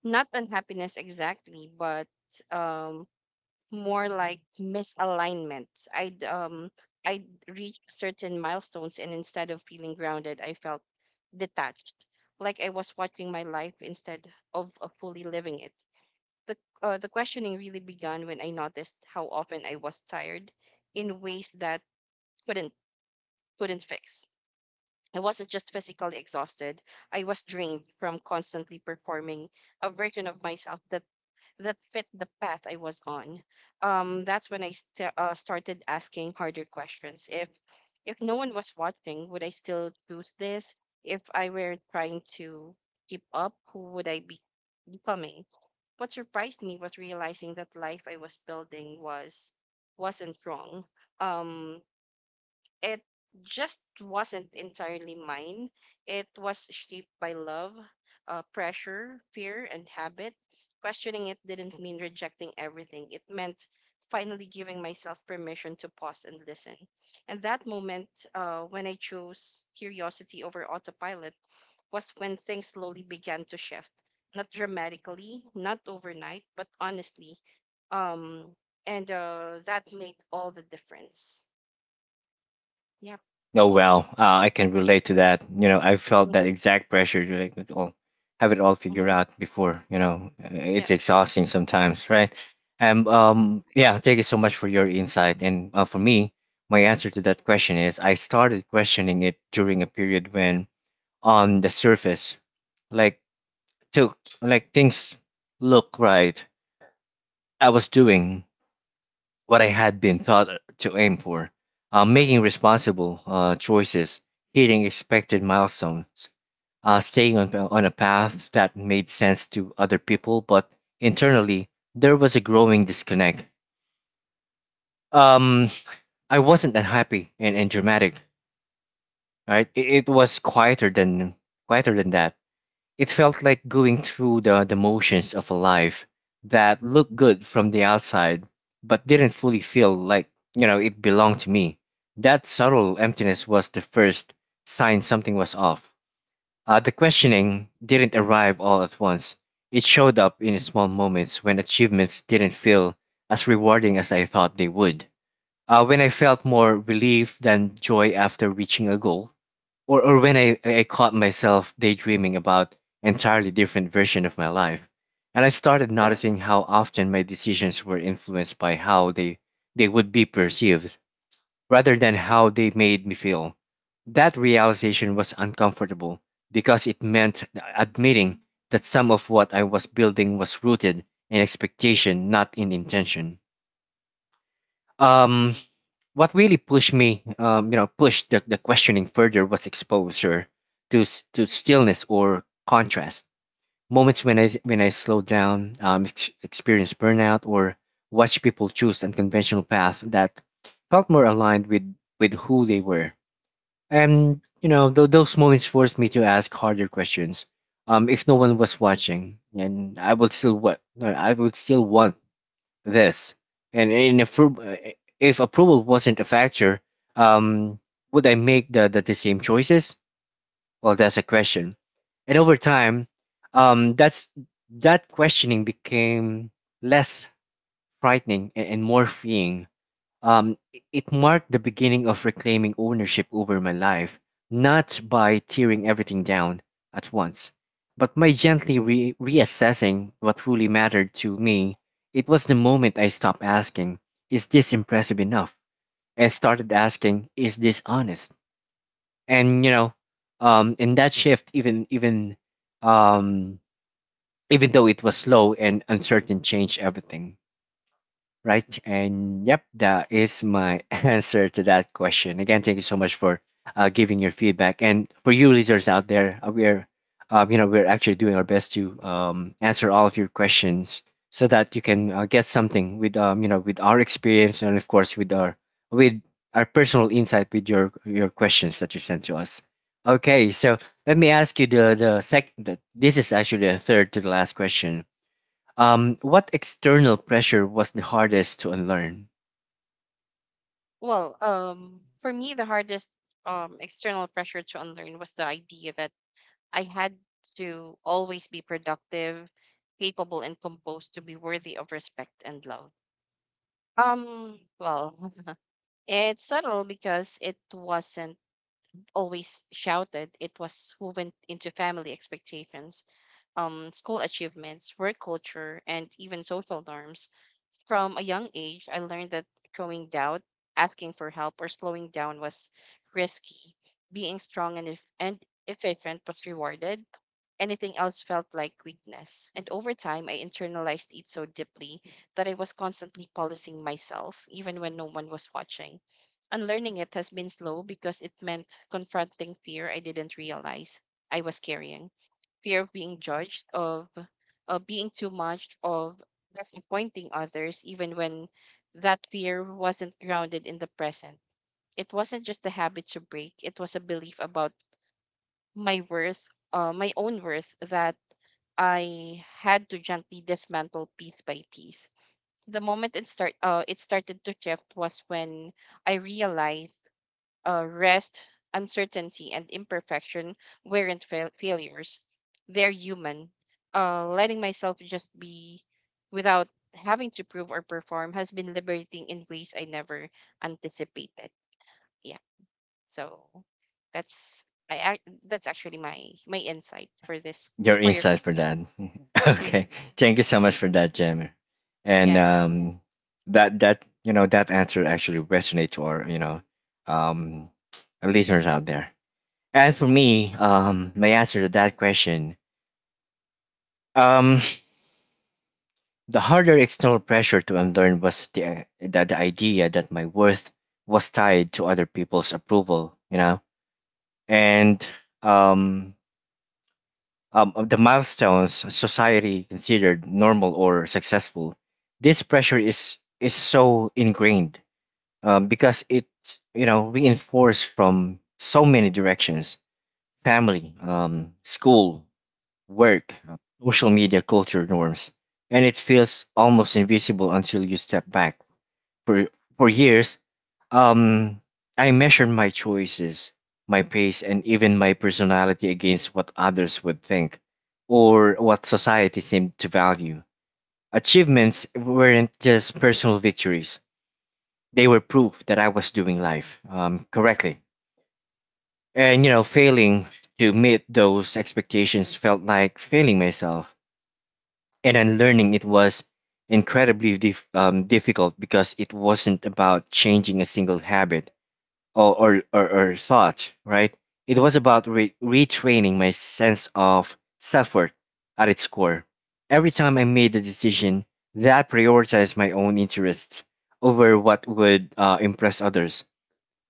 [SPEAKER 2] Not unhappiness exactly, but um more like misalignment. I'd um I'd reach certain milestones and instead of feeling grounded, I felt detached, like I was watching my life instead of, of fully living it. The uh, the questioning really began when I noticed how often I was tired in ways that couldn't couldn't fix. I wasn't just physically exhausted, I was drained from constantly performing a version of myself that that fit the path I was on. Um, that's when I st- uh, started asking harder questions. If if no one was watching, would I still choose this? If I were trying to keep up, who would I be becoming? What surprised me was realizing that life I was building was wasn't wrong. Um, it just wasn't entirely mine. It was shaped by love, uh, pressure, fear, and habit. Questioning it didn't mean rejecting everything, it meant finally giving myself permission to pause and listen. And that moment, uh, when I chose curiosity over autopilot, was when things slowly began to shift. Not dramatically, not overnight, but honestly. Um, and uh, that made all the difference. Yep,
[SPEAKER 1] Oh well, uh, I
[SPEAKER 2] that's it.
[SPEAKER 1] can relate to that. You know, I felt that
[SPEAKER 2] Mm-hmm.
[SPEAKER 1] exact pressure to like it all, have it all figured
[SPEAKER 2] Mm-hmm.
[SPEAKER 1] out before. You know, Uh,
[SPEAKER 2] Yeah.
[SPEAKER 1] it's exhausting sometimes, right? And um, yeah, thank you so much for your insight. And uh, for me, my answer to that question is I started questioning it during a period when, on the surface, like took like things look right. I was doing what I had been taught to aim for, uh, making responsible uh, choices, hitting expected milestones, uh, staying on, on a path that made sense to other people, but internally there was a growing disconnect. Um, I wasn't unhappy and, and dramatic, right? It, it was quieter than quieter than that. It felt like going through the, the motions of a life that looked good from the outside, but didn't fully feel like, you know, it belonged to me. That subtle emptiness was the first sign something was off. Uh, the questioning didn't arrive all at once. It showed up in small moments when achievements didn't feel as rewarding as I thought they would. Uh, when I felt more relief than joy after reaching a goal, or or when I, I caught myself daydreaming about entirely different version of my life. And I started noticing how often my decisions were influenced by how they they would be perceived rather than how they made me feel. That realization was uncomfortable because it meant admitting that some of what I was building was rooted in expectation, not in intention. um, what really pushed me, um, you know, pushed the, the questioning further was exposure to s- to stillness or contrast. Moments when I when I slowed down, um, ex- experienced burnout, or watched people choose unconventional paths that felt more aligned with with who they were. And you know, th- those moments forced me to ask harder questions. Um, if no one was watching, and I would still what I would still want this? And in appro- if approval wasn't a factor, um, would I make the, the, the same choices? Well, that's a question. And over time, um, that's that questioning became less frightening and, and more freeing. Um, i- it marked the beginning of reclaiming ownership over my life, not by tearing everything down at once, but by gently re- reassessing what truly mattered to me. It was the moment I stopped asking, is this impressive enough? And started asking, is this honest? And, you know, um, in that shift, even, even, um, even though it was slow and uncertain, changed everything. Right. And yep, that is my answer to that question. Again, thank you so much for uh, giving your feedback. And for you listeners out there, uh, we're, um, you know, we're actually doing our best to um, answer all of your questions so that you can uh, get something with, um, you know, with our experience and of course with our, with our personal insight with your, your questions that you sent to us. Okay. So let me ask you the, the sec, the, this is actually the third to the last question. Um, what external pressure was the hardest to unlearn?
[SPEAKER 2] Well, um, for me, the hardest um, external pressure to unlearn was the idea that I had to always be productive, capable, and composed to be worthy of respect and love. Um, well, it's subtle because it wasn't always shouted, it was woven into family expectations, um, school achievements, work culture, and even social norms. From a young age, I learned that showing doubt, asking for help, or slowing down was risky. Being strong and, eff- and efficient was rewarded. Anything else felt like weakness. And over time, I internalized it so deeply that I was constantly policing myself, even when no one was watching. Unlearning it has been slow because it meant confronting fear I didn't realize I was carrying. Fear of being judged, of, of being too much, of disappointing others, even when that fear wasn't grounded in the present. It wasn't just a habit to break, it was a belief about my worth, uh, my own worth, that I had to gently dismantle piece by piece. The moment it start, uh, it started to shift was when I realized uh, rest, uncertainty, and imperfection weren't fail- failures. They're human. Uh, letting myself just be without having to prove or perform has been liberating in ways I never anticipated. Yeah. So that's I ac- that's actually my my insight for this
[SPEAKER 1] Your
[SPEAKER 2] for your
[SPEAKER 1] insights for
[SPEAKER 2] question.
[SPEAKER 1] that.
[SPEAKER 2] Hmm.
[SPEAKER 1] Okay, thank you so much for that, Jammer. And
[SPEAKER 2] Yeah.
[SPEAKER 1] um, that that you know that answer actually resonates to our you know um our listeners out there. And for me, um, my answer to that question, um, the harder external pressure to unlearn was the, the, the idea that my worth was tied to other people's approval, you know, and um, um, of the milestones society considered normal or successful. This pressure is is so ingrained um, because it you know reinforced from so many directions: family, um, school, work, uh, social media, culture norms, and it feels almost invisible until you step back. For for years, um, I measured my choices, my pace, and even my personality against what others would think or what society seemed to value. Achievements weren't just personal victories; they were proof that I was doing life um, correctly. And you know, failing to meet those expectations felt like failing myself. And unlearning it was incredibly dif- um, difficult because it wasn't about changing a single habit or or, or, or thought, right? It was about re- retraining my sense of self worth at its core. Every time I made a decision that prioritized my own interests over what would uh, impress others,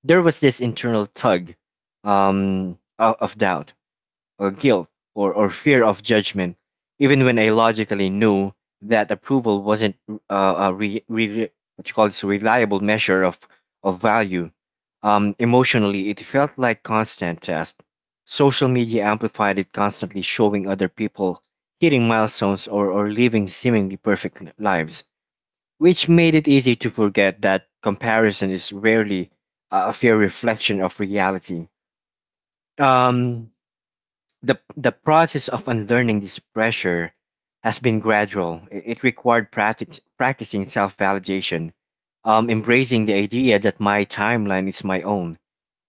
[SPEAKER 1] there was this internal tug um, o- of doubt or guilt or, or fear of judgment, even when I logically knew that approval wasn't uh, a re, re, what you call this reliable measure of, of value. Um, emotionally, it felt like constant test. Social media amplified it, constantly showing other people hitting milestones or, or living seemingly perfect li- lives, which made it easy to forget that comparison is rarely a a fair reflection of reality. Um, the, the process of unlearning this pressure has been gradual. I- It required practic- practicing self validation, um, embracing the idea that my timeline is my own,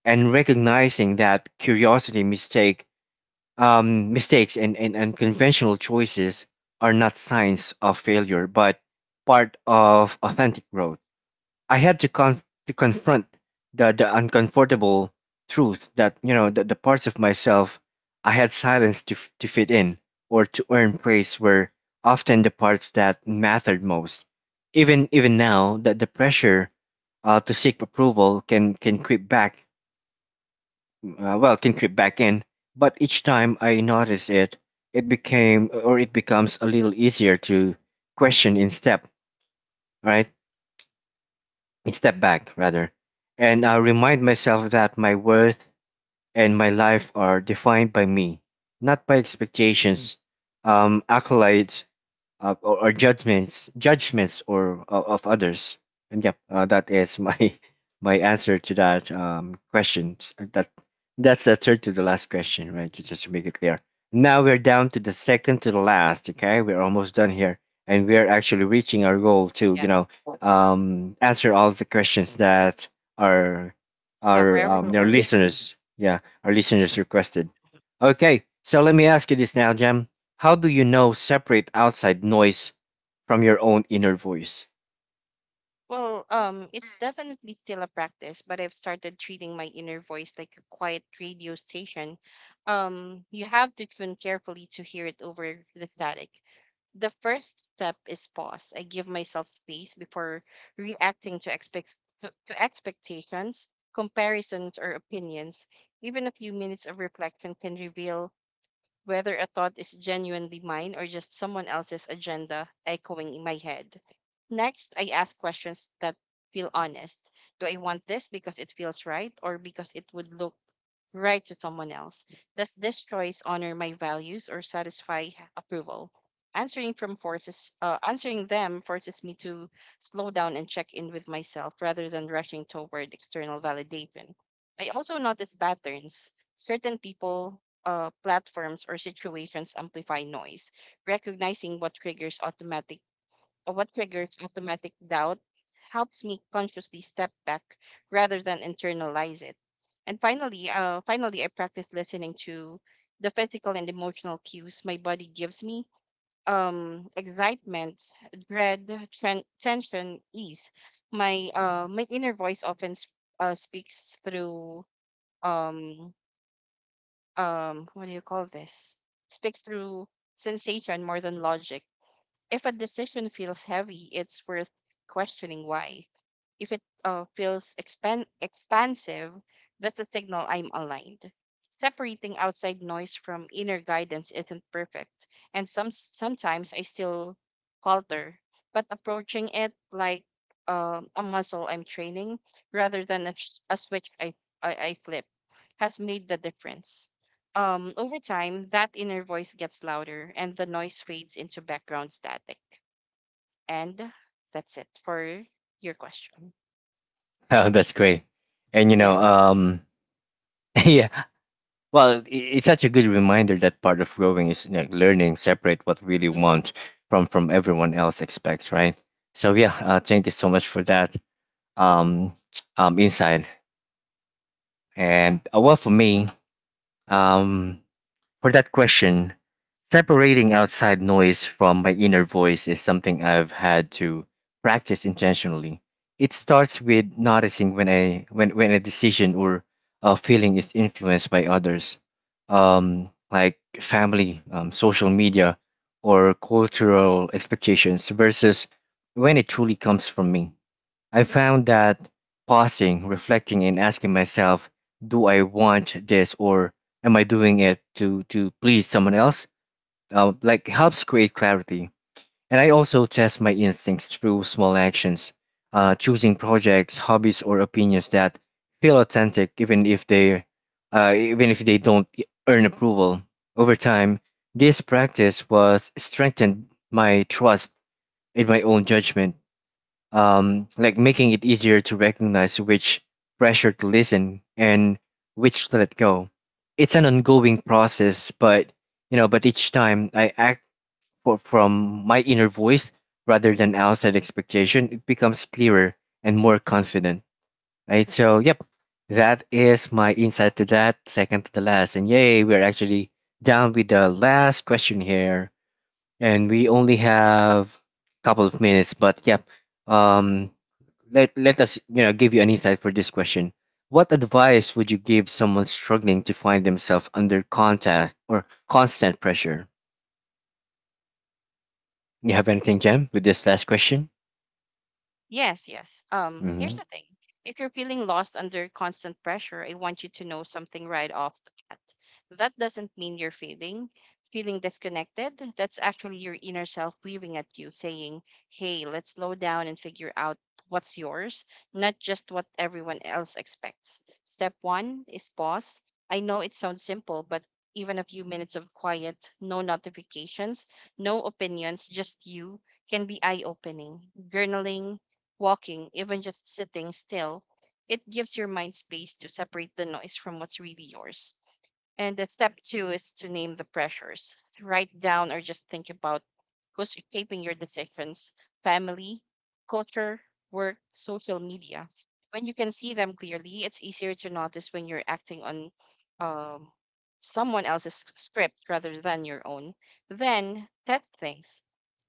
[SPEAKER 1] and recognizing that curiosity, mistake, um, mistakes, and, and unconventional choices are not signs of failure, but part of authentic growth. I had to con to confront the the uncomfortable truth that you know that the parts of myself I had silenced to f- to fit in or to earn praise were often the parts that mattered most. Even even now, that the pressure uh, to seek approval can can creep back uh, well can creep back in, but each time I notice it, it became, or it becomes, a little easier to question in step, right? Step back rather, and I remind myself that my worth and my life are defined by me, not by expectations, um, accolades, uh, or, or judgments, judgments or o- of others. And yep, uh, that is my my answer to that um, question. Uh, That that's the third to the last question, right? Ju- Just to make it clear. Now we're down to the second to the last. Okay, we're almost done here, and we're actually reaching our goal to you
[SPEAKER 2] Yeah.
[SPEAKER 1] know um, answer all the questions that our
[SPEAKER 2] Cover
[SPEAKER 1] our um, their
[SPEAKER 2] everything.
[SPEAKER 1] listeners, yeah, our listeners requested. Okay, so let me ask you this now, Jam. How do you know separate outside noise from your own inner voice?
[SPEAKER 2] Well, um, it's definitely still a practice, but I've started treating my inner voice like a quiet radio station. Um, you have to tune carefully to hear it over the static. The first step is pause. I give myself space before reacting to expect to, to expectations, comparisons, or opinions. Even a few minutes of reflection can reveal whether a thought is genuinely mine or just someone else's agenda echoing in my head. Next, I ask questions that feel honest. Do I want this because it feels right or because it would look right to someone else? Does this choice honor my values or satisfy approval? Answering from forces, uh, answering them forces me to slow down and check in with myself rather than rushing toward external validation. I also notice patterns. Certain people uh, platforms or situations amplify noise. Recognizing what triggers automatic uh, what triggers automatic doubt helps me consciously step back rather than internalize it. And finally, uh, finally, I practice listening to the physical and emotional cues my body gives me. Um, excitement, dread, tren- tension, ease. My uh, my inner voice often sp- uh, speaks through um um what do you call this speaks through sensation more than logic. If a decision feels heavy, it's worth questioning why. If it uh, feels expan- expansive, that's a signal I'm aligned. Separating outside noise from inner guidance isn't perfect, and some sometimes I still falter, but approaching it like um a muscle I'm training rather than a, sh- a switch I, I I flip has made the difference. Um, over time, that inner voice gets louder and the noise fades into background static. And that's it for your question.
[SPEAKER 1] Oh, that's great. And you know,
[SPEAKER 2] Yeah.
[SPEAKER 1] um,
[SPEAKER 2] Mm-hmm.
[SPEAKER 1] yeah, well, i- it's such a good reminder that part of growing is like learning separate what really
[SPEAKER 2] Mm-hmm.
[SPEAKER 1] want from from everyone else expects, right? So yeah, uh, thank you so much for that um, um, insight. And uh, well, for
[SPEAKER 2] Mm-hmm.
[SPEAKER 1] me, um, for that question, separating outside noise from my inner voice is something I've had to practice intentionally. It starts with noticing when a when when a decision or a feeling is influenced by others, um, like family, um, social media, or cultural expectations, versus when it truly comes from me. I found that pausing, reflecting, and asking myself, do I want this, or am I doing it to, to please someone else? Uh, like helps create clarity. And I also test my instincts through small actions, uh, choosing projects, hobbies, or opinions that feel authentic, even if they, uh, even if they don't e, earn approval. Over time, this practice was strengthened my trust in my own judgment, um, like making it easier to recognize which pressure to listen and which to let go. It's an ongoing process, but you know, but each time I act for, from my inner voice rather than outside expectation, it becomes clearer and more confident. Right. So, yep, that is my insight to that. Second to the last, and yay, we're actually down with the last question here, and we only have a couple of minutes, but yeah, um let let us you know give you an insight for this question. What advice would you give someone struggling to find themselves under contact, or constant pressure? You have anything, Jam, with this last question?
[SPEAKER 2] Yes, yes. Um, here's
[SPEAKER 1] Hmm.
[SPEAKER 2] the thing. If you're feeling lost under constant pressure, I want you to know something right off the bat. That doesn't mean you're failing. Feeling disconnected, that's actually your inner self weaving at you, saying, hey, let's slow down and figure out what's yours, not just what everyone else expects. Step one is pause. I know it sounds simple, but even a few minutes of quiet, no notifications, no opinions, just you, can be eye opening. Journaling, walking, even just sitting still, it gives your mind space to separate the noise from what's really yours. And the step two is to name the pressures. Write down or just think about who's shaping your decisions: family, culture, work, social media. When you can see them clearly, it's easier to notice when you're acting on um, someone else's s- script rather than your own. Then test things.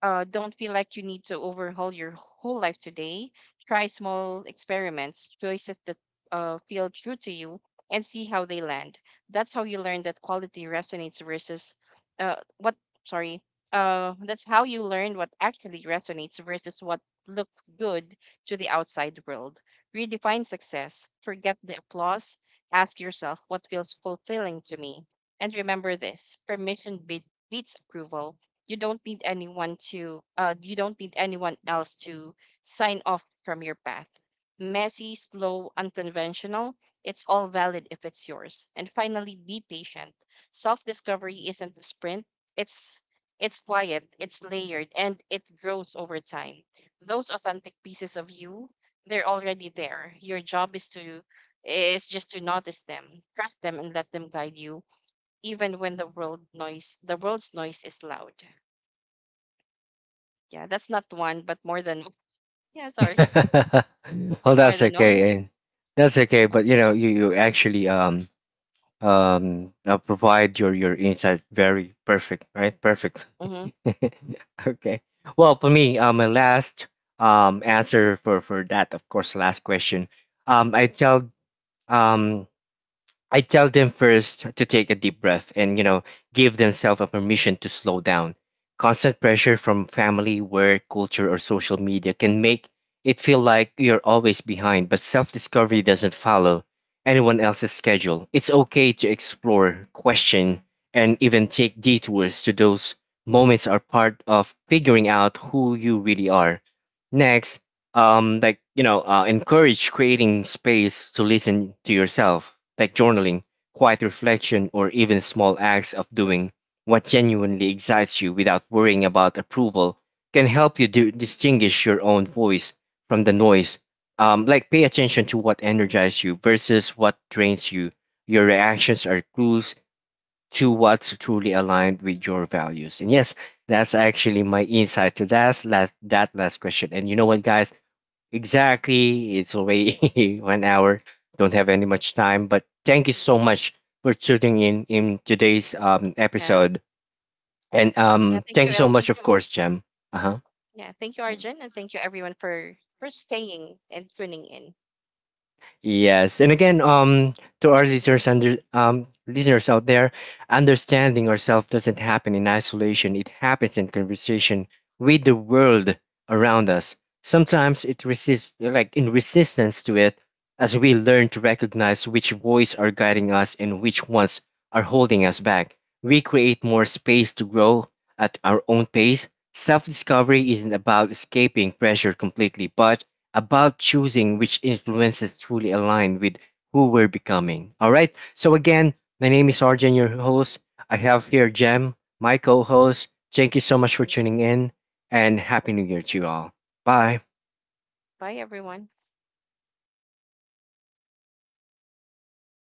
[SPEAKER 2] Uh, don't feel like you need to overhaul your whole life today. Try small experiments, choices that uh, feel true to you, and see how they land. That's how you learn that quality resonates versus uh, what, sorry, uh, that's how you learn what actually resonates versus what looks good to the outside world. Redefine success, forget the applause, ask yourself what feels fulfilling to me. And remember this: permission be- beats approval. You don't need anyone to, uh, you don't need anyone else to sign off from your path, messy, slow, unconventional. It's all valid if it's yours. And finally, be patient. Self-discovery isn't a sprint. It's it's quiet, it's layered, and it grows over time. Those authentic pieces of you, they're already there. Your job is to is just to notice them, trust them, and let them guide you, even when the world noise the world's noise is loud. Yeah, that's not one, but more than yeah. Sorry,
[SPEAKER 1] Well,
[SPEAKER 2] it's more
[SPEAKER 1] that's
[SPEAKER 2] than one.
[SPEAKER 1] okay, and that's okay, but
[SPEAKER 2] Hmm.
[SPEAKER 1] you know you, you actually um um uh, provide your your insight very perfect, right? Perfect.
[SPEAKER 2] Hmm.
[SPEAKER 1] Okay. Well, for me, um, my last um answer for for that, of course, last question. Um, I tell um I tell them first to take a deep breath and you know give themselves a permission to slow down. Constant pressure from family, work, culture, or social media can make it feel like you're always behind, but self-discovery doesn't follow anyone else's schedule. It's okay to explore, question, and even take detours to. Those moments are part of figuring out who you really are. Next, um like you know uh, encourage creating space to listen to yourself, like journaling, quiet reflection, or even small acts of doing what genuinely excites you without worrying about approval, can help you do, distinguish your own voice from the noise. Um like, pay attention to what energizes you versus what drains you. Your reactions are clues to what's truly aligned with your values. And yes, that's actually my insight to that last that last question. And you know what, guys? Exactly. It's already one hour. Don't have any much time, but thank you so much for tuning in in today's um
[SPEAKER 2] Yeah.
[SPEAKER 1] episode. And
[SPEAKER 2] Yeah.
[SPEAKER 1] um,
[SPEAKER 2] Thank
[SPEAKER 1] thank you so
[SPEAKER 2] you.
[SPEAKER 1] much, of course, Jem. Uh huh.
[SPEAKER 2] Yeah, thank you, Arjun, and thank you everyone for for staying and tuning in.
[SPEAKER 1] Yes, and again, um, to our listeners under um listeners out there, understanding ourselves doesn't happen in isolation. It happens in conversation with the world around us. Sometimes it resists, like in resistance to it, as we learn to recognize which voice are guiding us and which ones are holding us back, we create more space to grow at our own pace. Self-discovery isn't about escaping pressure completely, but about choosing which influences truly align with who we're becoming. All right. So again, my name is Arjan, your host. I have here Jem, my co-host. Thank you so much for tuning in, and happy New Year to you all. Bye.
[SPEAKER 2] Bye, everyone.